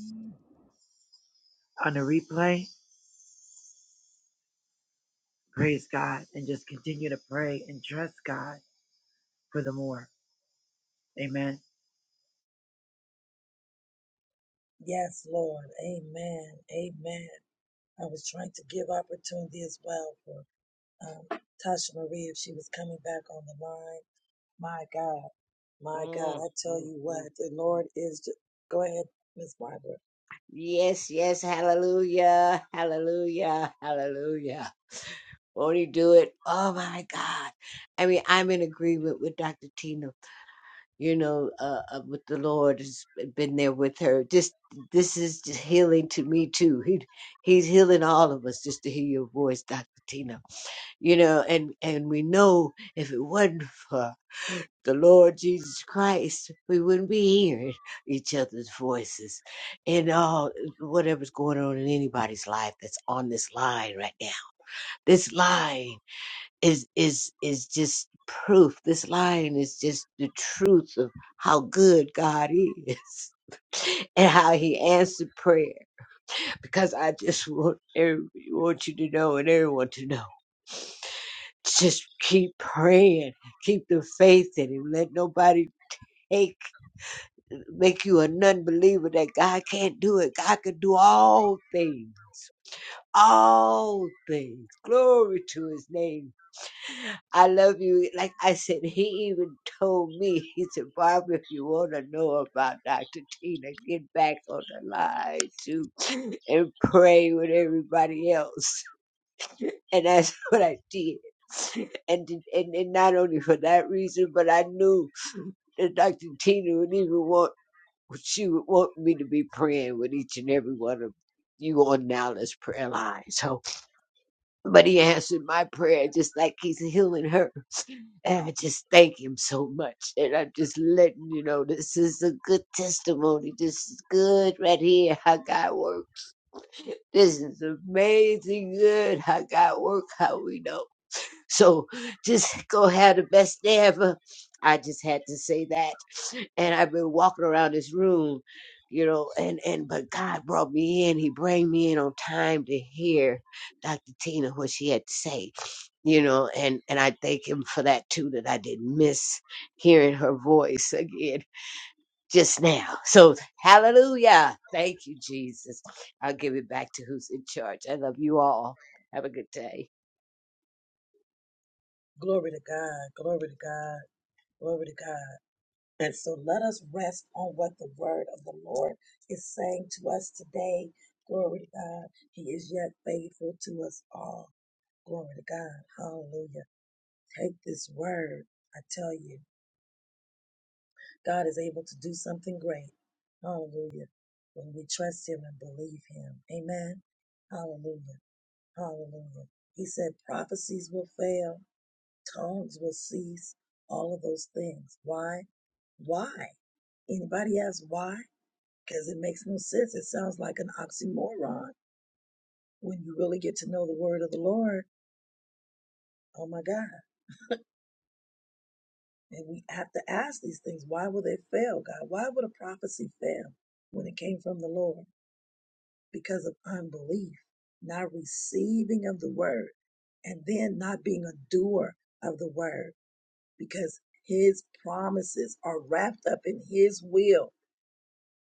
on the replay, praise God and just continue to pray and trust God for the more. Amen.
Yes, Lord. Amen. Amen. I was trying to give opportunity as well for um, Tasha Marie if she was coming back on the line. My God. My God.
Mm,
I tell
mm,
you what,
mm,
the
mm.
Lord is. ju- Go ahead, Miss Barbara.
Yes, yes. Hallelujah. Hallelujah. Hallelujah. Won't he do it? Oh my God. I mean, I'm in agreement with Dr. Tina. you know, uh, uh, with the Lord, has been there with her. This this is just healing to me too. He he's healing all of us just to hear your voice, Doctor Tina. You know, and and we know if it wasn't for the Lord Jesus Christ, we wouldn't be hearing each other's voices and all whatever's going on in anybody's life that's on this line right now. This line is is is just proof. This line is just the truth of how good God is and how He answered prayer. Because I just want every, want you to know and everyone to know. Just keep praying, keep the faith in Him. Let nobody take make you a non-believer that God can't do it. God can do all things all things. Glory to his name. I love you. Like I said, he even told me, he said, Barbara, if you want to know about Dr. Tina, get back on the line too and pray with everybody else. And that's what I did. And, and, and not only for that reason, but I knew that Dr. Tina would even want, she would want me to be praying with each and every one of you on Nala's prayer line. So, but he answered my prayer just like he's healing her and I just thank him so much. And I'm just letting you know this is a good testimony. This is good right here how God works. This is amazing good how God works, how we know. So just go have the best day ever. I just had to say that. And I've been walking around this room, you know, and, and but God brought me in. He brought me in on time to hear Dr. Tina what she had to say. You know, and, and I thank him for that too, that I didn't miss hearing her voice again just now. So hallelujah. Thank you, Jesus. I'll give it back to who's in charge. I love you all. Have a good day.
Glory to God. Glory to God. Glory to God. And so let us rest on what the word of the Lord is saying to us today. Glory to God. He is yet faithful to us all. Glory to God. Hallelujah. Take this word. I tell you, God is able to do something great. Hallelujah. When we trust Him and believe Him. Amen. Hallelujah. Hallelujah. He said prophecies will fail, tongues will cease, all of those things. Why? Why? Anybody ask why? because it makes no sense. It sounds like an oxymoron when you really get to know the word of the Lord. Oh my God. And we have to ask these things. Why will they fail, God? Why would a prophecy fail when it came from the Lord? Because of unbelief, not receiving of the word, and then not being a doer of the word because his promises are wrapped up in his will.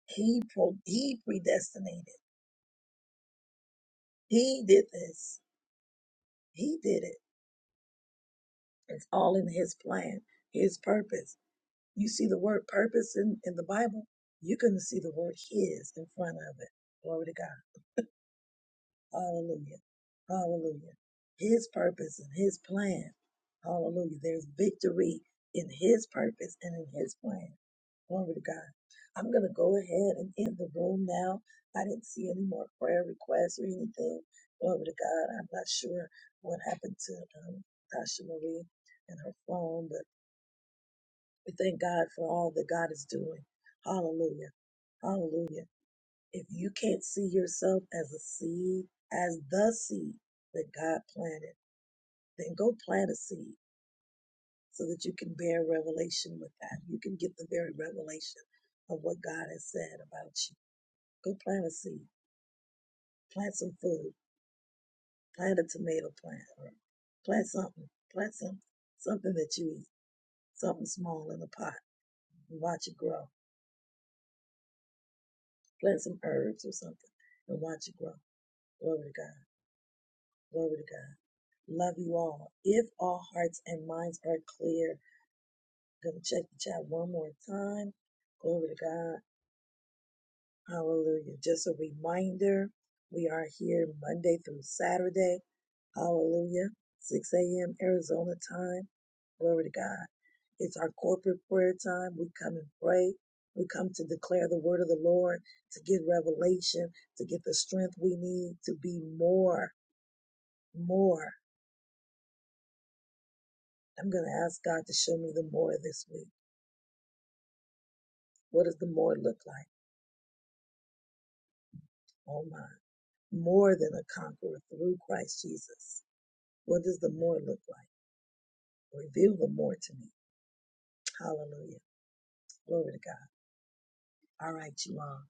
He, pro- he predestinated. He did this. He did it. It's all in his plan, his purpose. You see the word purpose in, in the Bible, you're going to see the word his in front of it. Glory to God. Hallelujah. Hallelujah. His purpose and his plan. Hallelujah. There's victory in his purpose and in his plan. Glory to God. I'm going to go ahead and end the room now. I didn't see any more prayer requests or anything. Glory to God. I'm not sure what happened to um, Tasha Marie and her phone, but we thank God for all that God is doing. Hallelujah. Hallelujah. If you can't see yourself as a seed, as the seed that God planted, then go plant a seed so that you can bear revelation with that. You can get the very revelation of what God has said about you. Go plant a seed. Plant some food. Plant a tomato plant or plant something. Plant some something that you eat. Something small in a pot and watch it grow. Plant some herbs or something and watch it grow Glory to God. Glory to God. Love you all. If all hearts and minds are clear, I'm going to check the chat one more time. Glory to God. Hallelujah. Just a reminder we are here Monday through Saturday. Hallelujah. 6 a.m. Arizona time. Glory to God. It's our corporate prayer time. We come and pray. We come to declare the word of the Lord, to get revelation, to get the strength we need to be more, more. I'm going to ask God to show me the more this week. What does the more look like? Oh my, more than a conqueror through Christ Jesus. What does the more look like? Reveal the more to me. Hallelujah. Glory to God. All right, you all.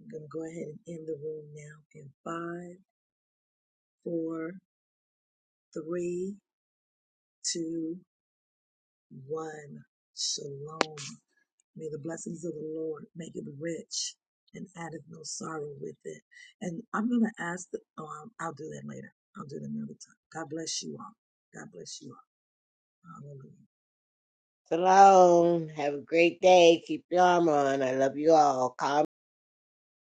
I'm going to go ahead and end the room now in five, four, three, two, one. Shalom. May the blessings of the Lord make it rich and addeth no sorrow with it. And I'm going to ask, the, um, I'll do that later. I'll do it another time. God bless you all. God bless you all. Hallelujah.
Shalom. Have a great day. Keep your armor on. I love you all. Call